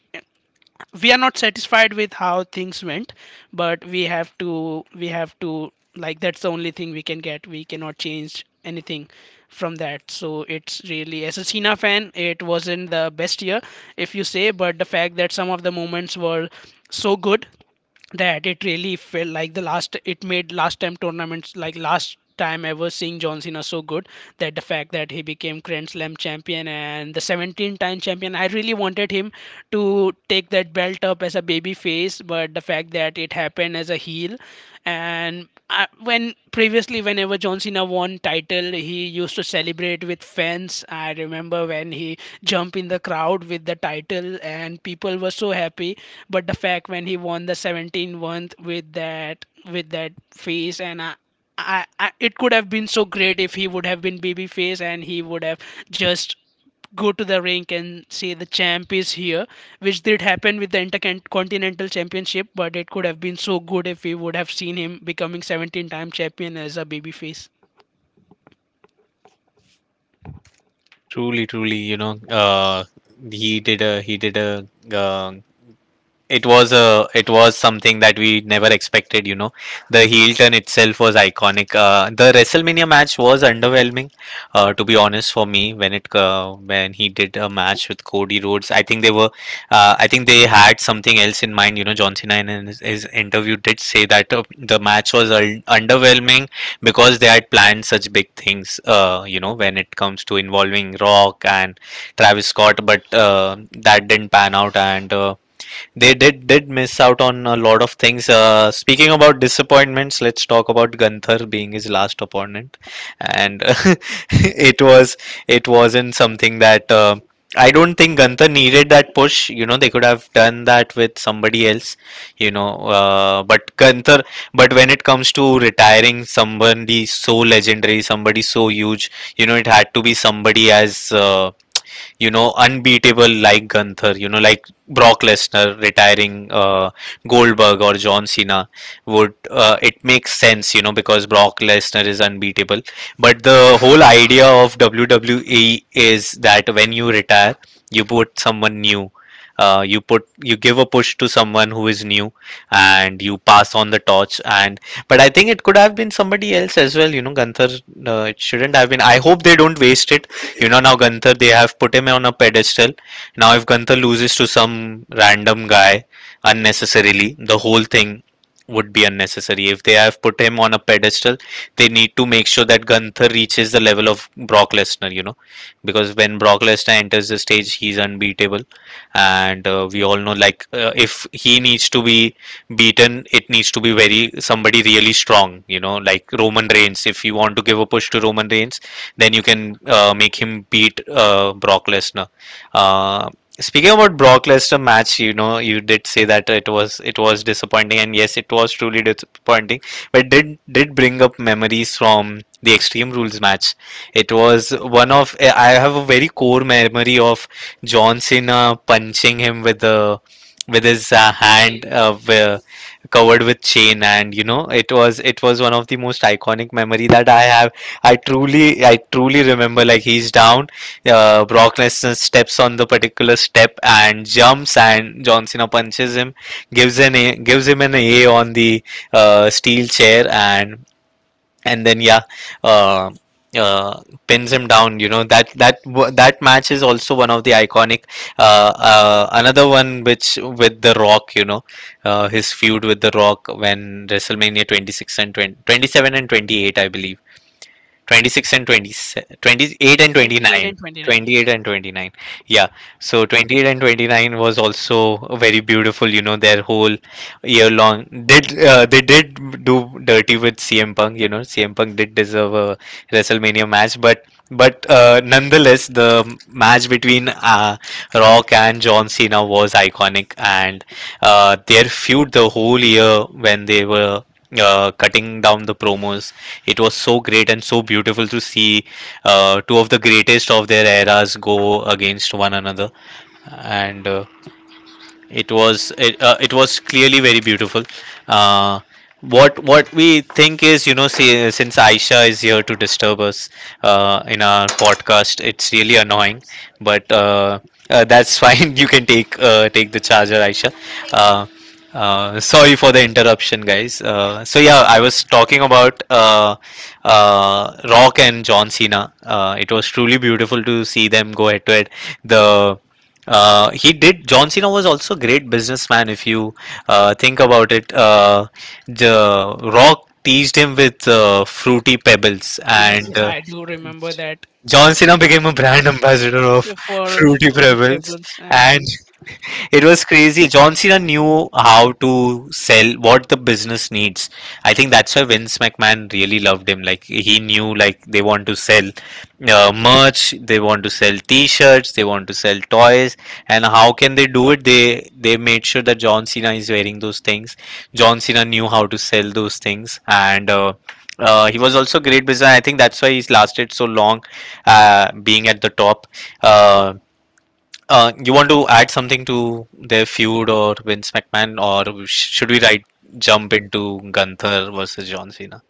we are not satisfied with how things went. But we have to, we have to like, that's the only thing we can get, we cannot change anything from that. So it's really, as a Cena fan, it wasn't the best year, if you say. But the fact that some of the moments were so good that it really felt like the last, it made last time tournaments like last time ever seeing John Cena, so good that the fact that he became Grand Slam champion and the seventeen time champion. I really wanted him to take that belt up as a baby face, but the fact that it happened as a heel. And I, when previously, whenever John Cena won title, he used to celebrate with fans. I remember when he jumped in the crowd with the title and people were so happy. But the fact when he won the seventeen month with that with that face, and I, I, I it could have been so great if he would have been baby face, and he would have just go to the rink and say the champ is here, which did happen with the Intercontinental Championship, but it could have been so good if we would have seen him becoming seventeen time champion as a babyface.
Truly, truly, you know, uh, he did a he did a uh, it was a it was something that we never expected, you know. The heel turn itself was iconic. Uh, the WrestleMania match was underwhelming, uh, to be honest, for me when it uh, when he did a match with Cody Rhodes. I think they were uh, I think they had something else in mind. You know, John Cena in his, his interview did say that uh, the match was un- underwhelming because they had planned such big things, uh, you know, when it comes to involving Rock and Travis Scott, but uh, that didn't pan out, and uh, they did did miss out on a lot of things. Uh, speaking about disappointments, let's talk about Gunther being his last opponent, and [LAUGHS] it was it wasn't something that. Uh, I don't think Gunther needed that push. You know, they could have done that with somebody else. You know, uh, but Gunther. But when it comes to retiring somebody so legendary, somebody so huge, you know, it had to be somebody as uh, you know, unbeatable like Gunther, you know, like Brock Lesnar retiring uh, Goldberg or John Cena would uh, it makes sense, you know, because Brock Lesnar is unbeatable. But the whole idea of W W E is that when you retire, you put someone new. Uh, you put you give a push to someone who is new, and you pass on the torch, and but I think it could have been somebody else as well. You know, Gunther, uh, it shouldn't have been. I hope they don't waste it. You know, now Gunther, they have put him on a pedestal. Now, if Gunther loses to some random guy unnecessarily, the whole thing would be unnecessary. If they have put him on a pedestal, they need to make sure that Gunther reaches the level of Brock Lesnar, you know, because when Brock Lesnar enters the stage, he's unbeatable. And uh, we all know, like, uh, if he needs to be beaten, it needs to be very somebody really strong, you know, like Roman Reigns. If you want to give a push to Roman Reigns, then you can uh, make him beat uh, Brock Lesnar. Uh, Speaking about Brock Lesnar match, you know, you did say that it was it was disappointing, and yes, it was truly disappointing. But it did did bring up memories from the Extreme Rules match. It was one of I have a very core memory of John Cena punching him with the with his uh, hand uh, wi- covered with chain, and you know it was it was one of the most iconic memory that I have. I truly, I truly remember like he's down. Uh, Brock Lesnar steps on the particular step and jumps, and John Cena punches him, gives an a, gives him an A on the uh, steel chair, and and then yeah, uh, uh, pins him down. You know that that wa- that match is also one of the iconic. Uh, uh, another one which with the Rock, you know, uh, his feud with the Rock when WrestleMania 26 and 20, twenty seven and twenty eight, I believe twenty six and twenty, twenty eight and
twenty-eight
29
and twenty-nine
28
years.
and twenty nine, yeah. So twenty eight and twenty nine was also very beautiful. You know, their whole year long did uh, they did do dirty with C M Punk. You know, C M Punk did deserve a WrestleMania match, but but uh, nonetheless the match between uh, Rock and John Cena was iconic, and uh, their feud the whole year when they were uh, cutting down the promos, it was so great and so beautiful to see uh, two of the greatest of their eras go against one another. And uh, it was it, uh, It was clearly very beautiful. uh, what what we think is, you know, see, since Aisha is here to disturb us uh, in our podcast, it's really annoying, but uh, uh, that's [LAUGHS] fine. You can take uh, take the charger, Aisha. uh, uh, Sorry for the interruption, guys. Uh, so yeah, I was talking about uh, uh, Rock and John Cena. Uh, it was truly beautiful to see them go head to head. The uh, he did. John Cena was also a great businessman. If you uh, think about it, uh, the Rock teased him with uh, Fruity Pebbles,
Yes,
and
yes,
uh,
I do remember that.
John Cena became a brand [LAUGHS] ambassador of
So for
Fruity
Roddy
Pebbles,
Pebbles.
and
and
it was crazy. John Cena knew how to sell what the business needs. I think that's why Vince McMahon really loved him. Like he knew like they want to sell uh, merch, they want to sell T-shirts, they want to sell toys, and how can they do it? They they made sure that John Cena is wearing those things. John Cena knew how to sell those things, and uh, uh, he was also great business. I think that's why he's lasted so long, uh, being at the top. Uh, uh, you want to add something to their feud or Vince McMahon, or sh- should we right jump into Gunther versus John Cena?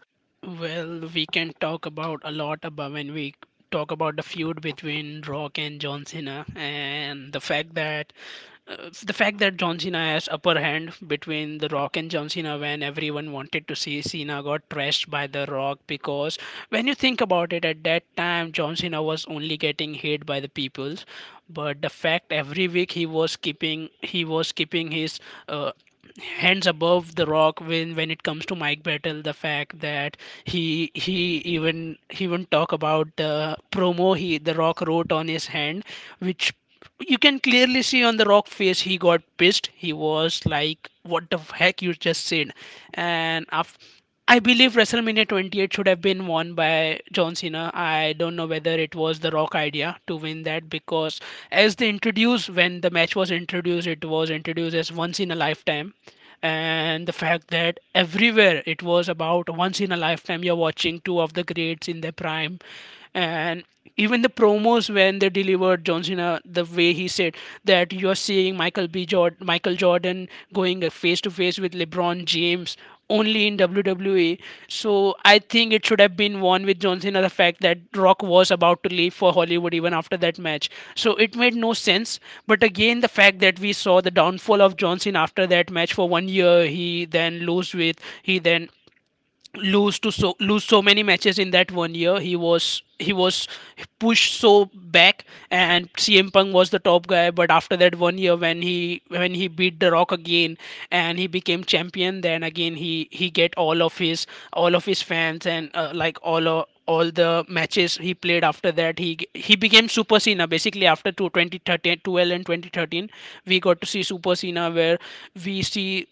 well, we can talk about a lot about when we talk about the feud between Rock and John Cena, and the fact that uh, the fact that John Cena has upper hand between The Rock and John Cena when everyone wanted to see Cena got trashed by The Rock, because when you think about it, at that time John Cena was only getting hate by the peoples. But the fact, every week he was keeping he was keeping his uh, hands above the rock when when it comes to Mike Battle. The fact that he he even he even talk about the promo he, the rock wrote on his hand, which you can clearly see on the rock face. He got pissed. He was like, what the heck you just said? and af- I believe WrestleMania twenty-eight should have been won by John Cena. I don't know whether it was the rock idea to win that, because as they introduced, when the match was introduced, it was introduced as once in a lifetime. And the fact that everywhere it was about once in a lifetime, you're watching two of the greats in their prime. And even the promos, when they delivered, John Cena the way he said, that you're seeing Michael B Jordan, Michael Jordan going face to face with LeBron James, only in W W E. So I think it should have been won with John Cena. The fact that Rock was about to leave for Hollywood even after that match, so it made no sense. But again, the fact that we saw the downfall of John Cena after that match for one year. He then lost with he then lose to so lose so many matches in that one year. He was he was pushed so back, and C M Punk was the top guy. But after that one year, when he when he beat The Rock again and he became champion, then again he he get all of his all of his fans and uh, like all o- all the matches he played after that, he g- he became super cena basically after two twenty thirteen. And twenty thirteen, we got to see super cena, where we see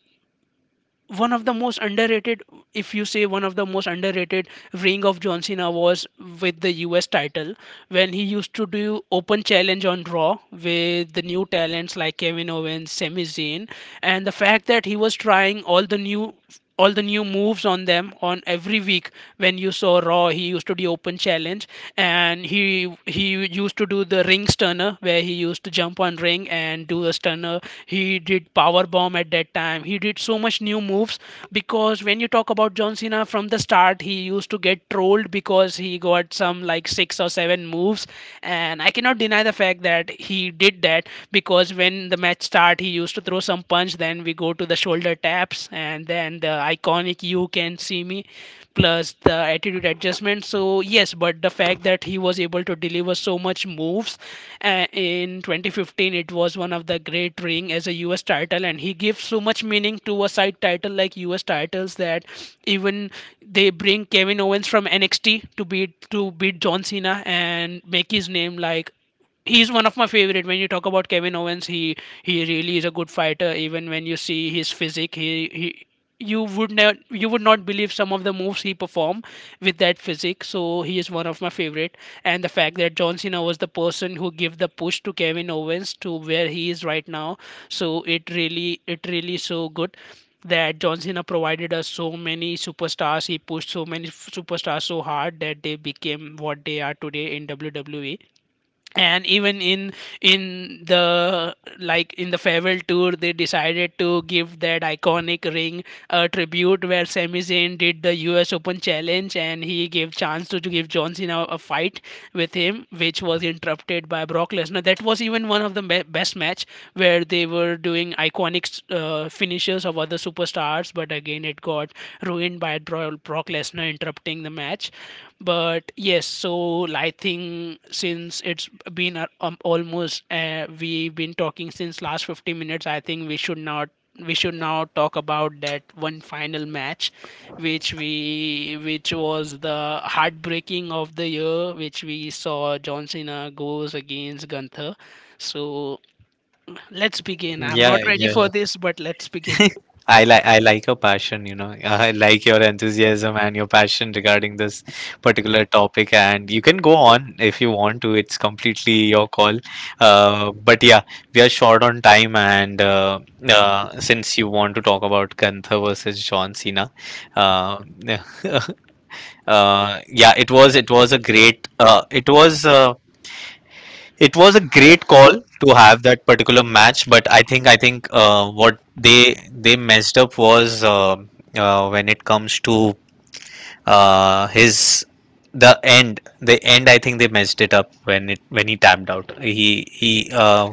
one of the most underrated, if you say one of the most underrated ring of John Cena, was with the US title, when he used to do open challenge on raw with the new talents like Kevin Owens, Sami Zayn. And the fact that he was trying all the new all the new moves on them on every week. When you saw raw, he used to do open challenge, and he he used to do the ring stunner, where he used to jump on ring and do a stunner. He did power bomb. At that time he did so much new moves, because when you talk about John Cena from the start, he used to get trolled because he got some like six or seven moves. And I cannot deny the fact that he did that, because when the match started, but he used to throw some punch. Then we go to the shoulder taps, and then the iconic "You Can See Me," plus the attitude adjustment. So yes, but the fact that he was able to deliver so much moves uh, in twenty fifteen, it was one of the great ring as a U S title, and he gives so much meaning to a side title like U S titles that even they bring Kevin Owens from N X T to beat to beat John Cena and make his name. Like he's one of my favorite. When you talk about Kevin Owens, he he really is a good fighter. Even when you see his physique, he he you would never you would not believe some of the moves he perform with that physique. So he is one of my favorite, and the fact that John Cena was the person who gave the push to Kevin Owens to where he is right now. So it really it really so good that John Cena provided us so many superstars. He pushed so many f- superstars so hard that they became what they are today in W W E. And even in in the like in the farewell tour, they decided to give that iconic ring a tribute, where Sami Zayn did the U S Open challenge and he gave chance to, to give John Cena a fight with him, which was interrupted by Brock Lesnar. That was even one of the me- best match, where they were doing iconic uh, finishes of other superstars, but again it got ruined by Dro- Brock Lesnar interrupting the match. But yes, so I think, since it's been a- um, almost uh, we've been talking since last fifty minutes, I think we should not, we should now talk about that one final match, which we which was the heartbreaking of the year, which we saw John Cena goes against Gunther. So let's begin. I'm
Yeah,
not ready
yeah,
for
yeah.
this, but let's begin.
I like I like your passion, you know. I like your enthusiasm and your passion regarding this particular topic, and you can go on if you want to. It's completely your call. Uh, but yeah, we are short on time, and uh, uh, since you want to talk about Gunther versus John Cena, uh, [LAUGHS] uh, yeah, it was it was a great uh, it was uh, it was a great call to have that particular match. But I think i think uh, what they they messed up was uh, uh, when it comes to uh, his the end the end, I think they messed it up when it when he tapped out he he uh,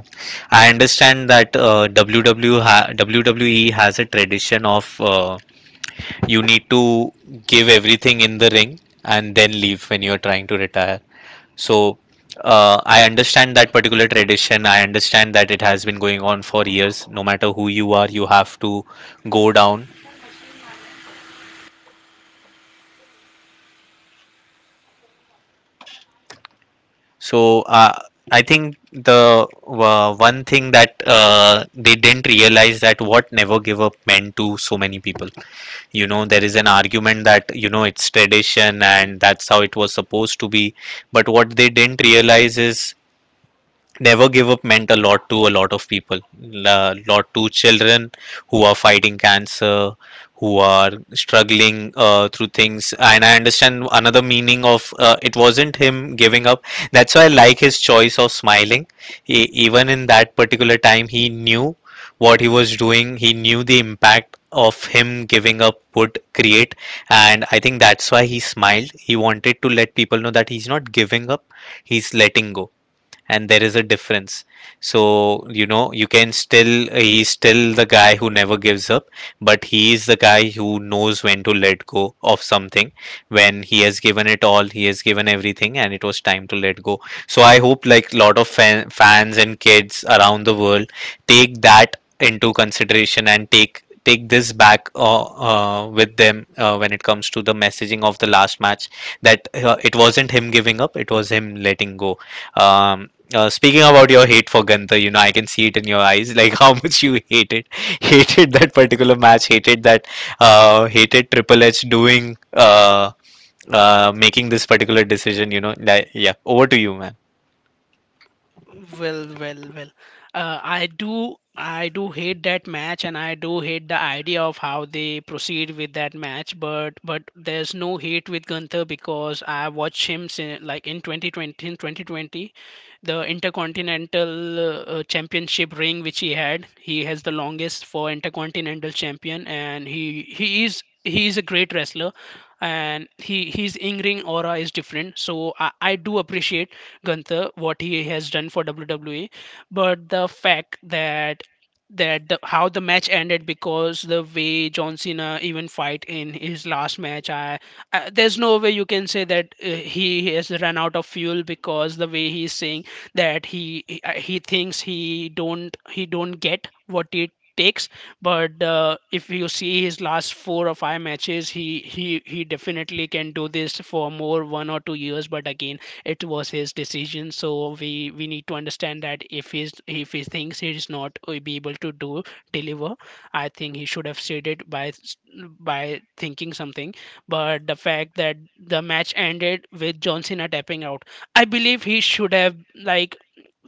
I understand that uh, ww ha- WWE has a tradition of uh, you need to give everything in the ring and then leave when you're trying to retire. So uh, I understand that particular tradition. I understand that it has been going on for years. No matter who you are, you have to go down. So uh, I think the uh, one thing that uh, they didn't realize that what never give up meant to so many people. You know, there is an argument that you know it's tradition and that's how it was supposed to be. But what they didn't realize is never give up meant a lot to a lot of people, a lot to children who are fighting cancer, who are struggling uh, through things. And I understand another meaning of uh, it wasn't him giving up. That's why I like his choice of smiling. He, even in that particular time, he knew what he was doing. He knew the impact of him giving up would create, and I think that's why he smiled. He wanted to let people know that he's not giving up, he's letting go, and there is a difference. So you know, you can still he's still the guy who never gives up, but he is the guy who knows when to let go of something, when he has given it all. He has given everything, and it was time to let go. So I hope, like, lot of fan, fans and kids around the world take that into consideration and take take this back uh, uh, with them uh, when it comes to the messaging of the last match, that uh, it wasn't him giving up, it was him letting go. um, uh, Speaking about your hate for Gunther, you know, I can see it in your eyes, [LAUGHS] like how much you hated, [LAUGHS] hated that particular match, hated that, uh, hated Triple H doing, uh, uh, making this particular decision. You know, like, yeah. Over to you, man.
Well, well, well. Uh, I do, I do hate that match, and I do hate the idea of how they proceed with that match. But, but there's no hate with Gunther, because I watched him sin like in twenty twenty, in twenty twenty, the Intercontinental uh, uh, Championship ring which he had. He has the longest for Intercontinental Champion, and he he is he is a great wrestler, and he his in ring aura is different. So I, I do appreciate Gunther what he has done for W W E, but the fact that that the, how the match ended, because the way John Cena even fight in his last match, I, I there's no way you can say that uh, he has run out of fuel, because the way he's saying that he he uh, he thinks he don't he don't get what it takes. But uh, if you see his last four or five matches, he he he definitely can do this for more one or two years. But again, it was his decision, so we we need to understand that if he's, if he thinks he is not uh, be able to do, deliver, I think he should have said it by s- by thinking something. But the fact that the match ended with John Cena tapping out, I believe he should have, like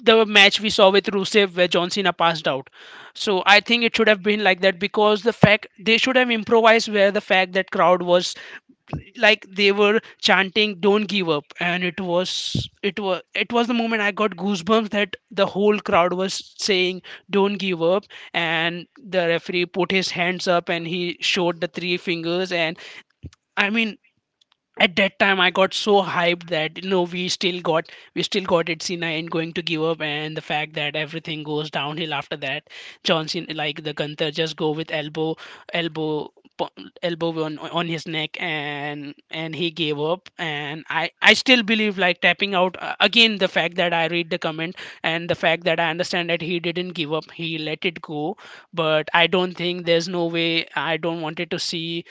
the match we saw with Rusev where John Cena passed out. So I think it should have been like that, because the fact they should have improvised, where the fact that crowd was, like they were chanting don't give up. And it was it was it was the moment I got goosebumps, that the whole crowd was saying don't give up. And the referee put his hands up and he showed the three fingers, and I mean, at that time I got so hyped that, you know, we still got, we still got it cena and going to give up. And the fact that everything goes downhill after that, John Cena, like the gunther just go with elbow, elbow po- elbow on on his neck, and and he gave up. And i i still believe like tapping out. Uh, again, the fact that I read the comment, and the fact that I understand that he didn't give up, he let it go, but I don't think, there's no way I don't wanted to see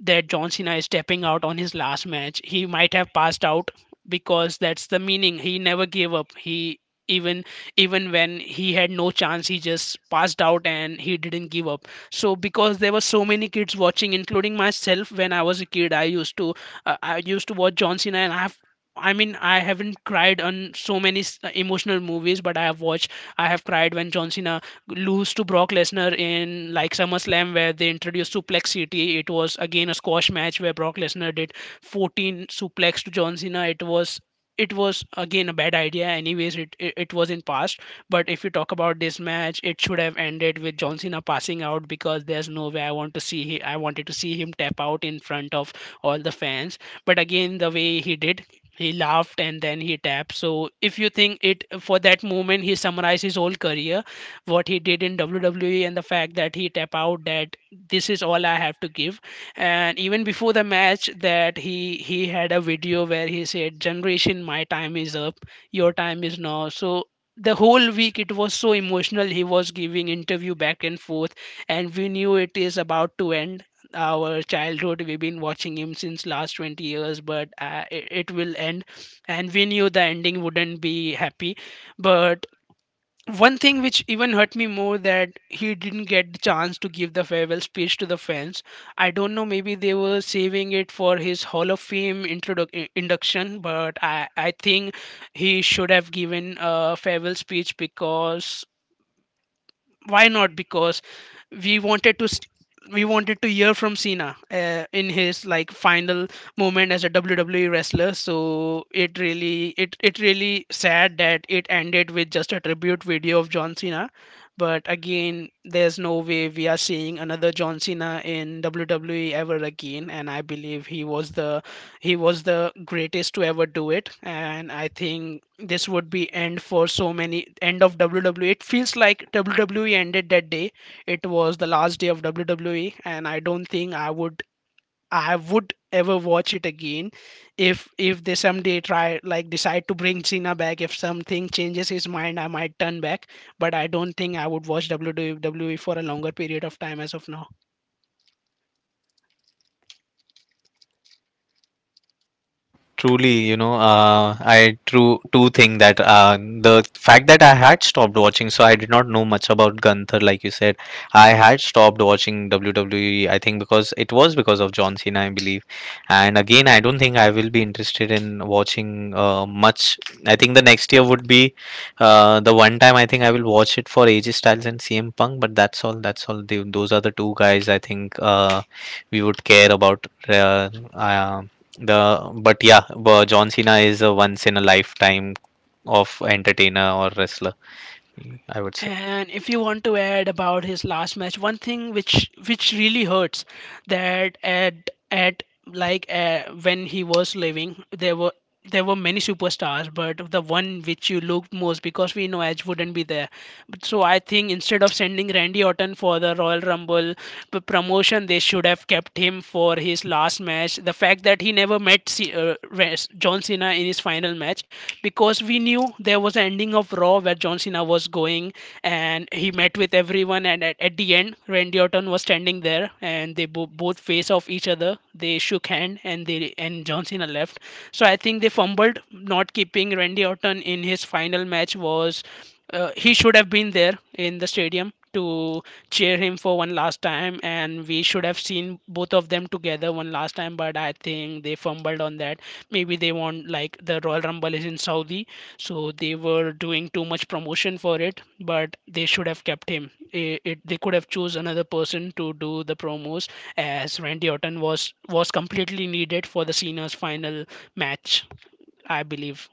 that John Cena is stepping out on his last match. He might have passed out, because that's the meaning. He never gave up. He even, even when he had no chance, he just passed out and he didn't give up. So because there were so many kids watching, including myself when I was a kid, I used to uh, I used to watch John Cena, and I have. I mean, I haven't cried on so many s- emotional movies, but I have watched. I have cried when John Cena lose to Brock Lesnar in like SummerSlam, where they introduced Suplex City. It was again a squash match where Brock Lesnar did fourteen suplex to John Cena. It was, it was again a bad idea. Anyways, it, it it was in past. But if you talk about this match, it should have ended with John Cena passing out, because there's no way I want to see, he, I wanted to see him tap out in front of all the fans. But again, the way he did, he laughed and then he tapped. So if you think it for that moment, he summarized his whole career, what he did in W W E, and the fact that he tap out, that this is all I have to give. And even before the match, that he he had a video where he said, "Generation, my time is up. Your time is now." So the whole week it was so emotional, he was giving interview back and forth, and we knew it is about to end our childhood. We've been watching him since last twenty years. But uh, it, it will end, and we knew the ending wouldn't be happy. But one thing which even hurt me more, that he didn't get the chance to give the farewell speech to the fans. I don't know, maybe they were saving it for his hall of fame introdu- i- induction. But i i think he should have given a farewell speech, because why not? Because we wanted to st- we wanted to hear from cena uh, in his like final moment as a WWE wrestler. So it really, it it really sad that it ended with just a tribute video of John Cena. But again, there's no way we are seeing another John Cena in WWE ever again. And I believe he was the he was the greatest to ever do it. And I think this would be end for so many, end of W W E. It feels like W W E ended that day. It was the last day of W W E, and I don't think I would, I would ever watch it again. If if they someday try, like decide to bring Cena back, if something changes his mind, I might turn back. But I don't think I would watch W W E for a longer period of time as of now.
Truly, you know, uh, I true do think that uh, the fact that I had stopped watching, so I did not know much about Gunther, like you said. I had stopped watching W W E, I think, because it was because of John Cena, I believe. And again, I don't think I will be interested in watching uh, much. I think the next year would be uh, the one time I think I will watch it for A J Styles and C M Punk, but that's all. That's all. They, those are the two guys I think uh, we would care about. Uh, uh, the But yeah, but John Cena is a once in a lifetime of entertainer or wrestler. I would say.
And if you want to add about his last match, one thing which which really hurts, that at at like uh, when he was living, there were there were many superstars, but the one which you looked most, because we know Edge wouldn't be there. But so I think instead of sending Randy Orton for the Royal Rumble p- promotion, they should have kept him for his last last match, the fact that he never met C- uh, Res- John Cena in his final match. Because we knew there was an ending of Raw where John Cena was going and he met with everyone, and at, at the end, Randy Orton was standing there and they bo- both face off each other. They shook hand, and they and John Cena left. So I think they fumbled not keeping Randy Orton in his final match. Was uh, he should have been there in the stadium to cheer him for one last time, and we should have seen both of them together one last time. But I think they fumbled on that. Maybe they want, like the royal rumble is in saudi, so they were doing too much promotion for it. But they should have kept him. it, it they could have chose another person to do the promos, as Randy Orton was was completely needed for the cena's final match, I believe.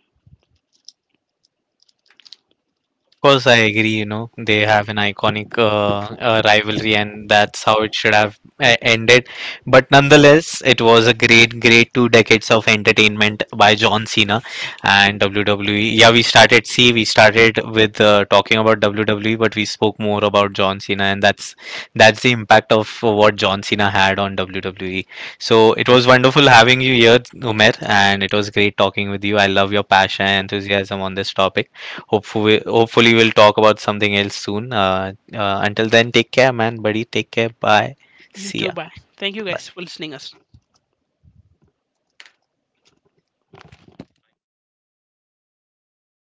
Of course, I agree. You know, they have an iconic uh, uh, rivalry, and that's how it should have uh, ended. But nonetheless, it was a great, great two decades of entertainment by John Cena and W W E. Yeah, we started. See, we started with uh, talking about W W E, but we spoke more about John Cena, and that's that's the impact of what John Cena had on W W E. So it was wonderful having you here, Umer, and it was great talking with you. I love your passion and enthusiasm on this topic. Hopefully, hopefully we'll talk about something else soon. Uh, uh, until then, take care, man, buddy. Take care. Bye.
You
See
too.
ya.
Bye. Thank you guys for listening us.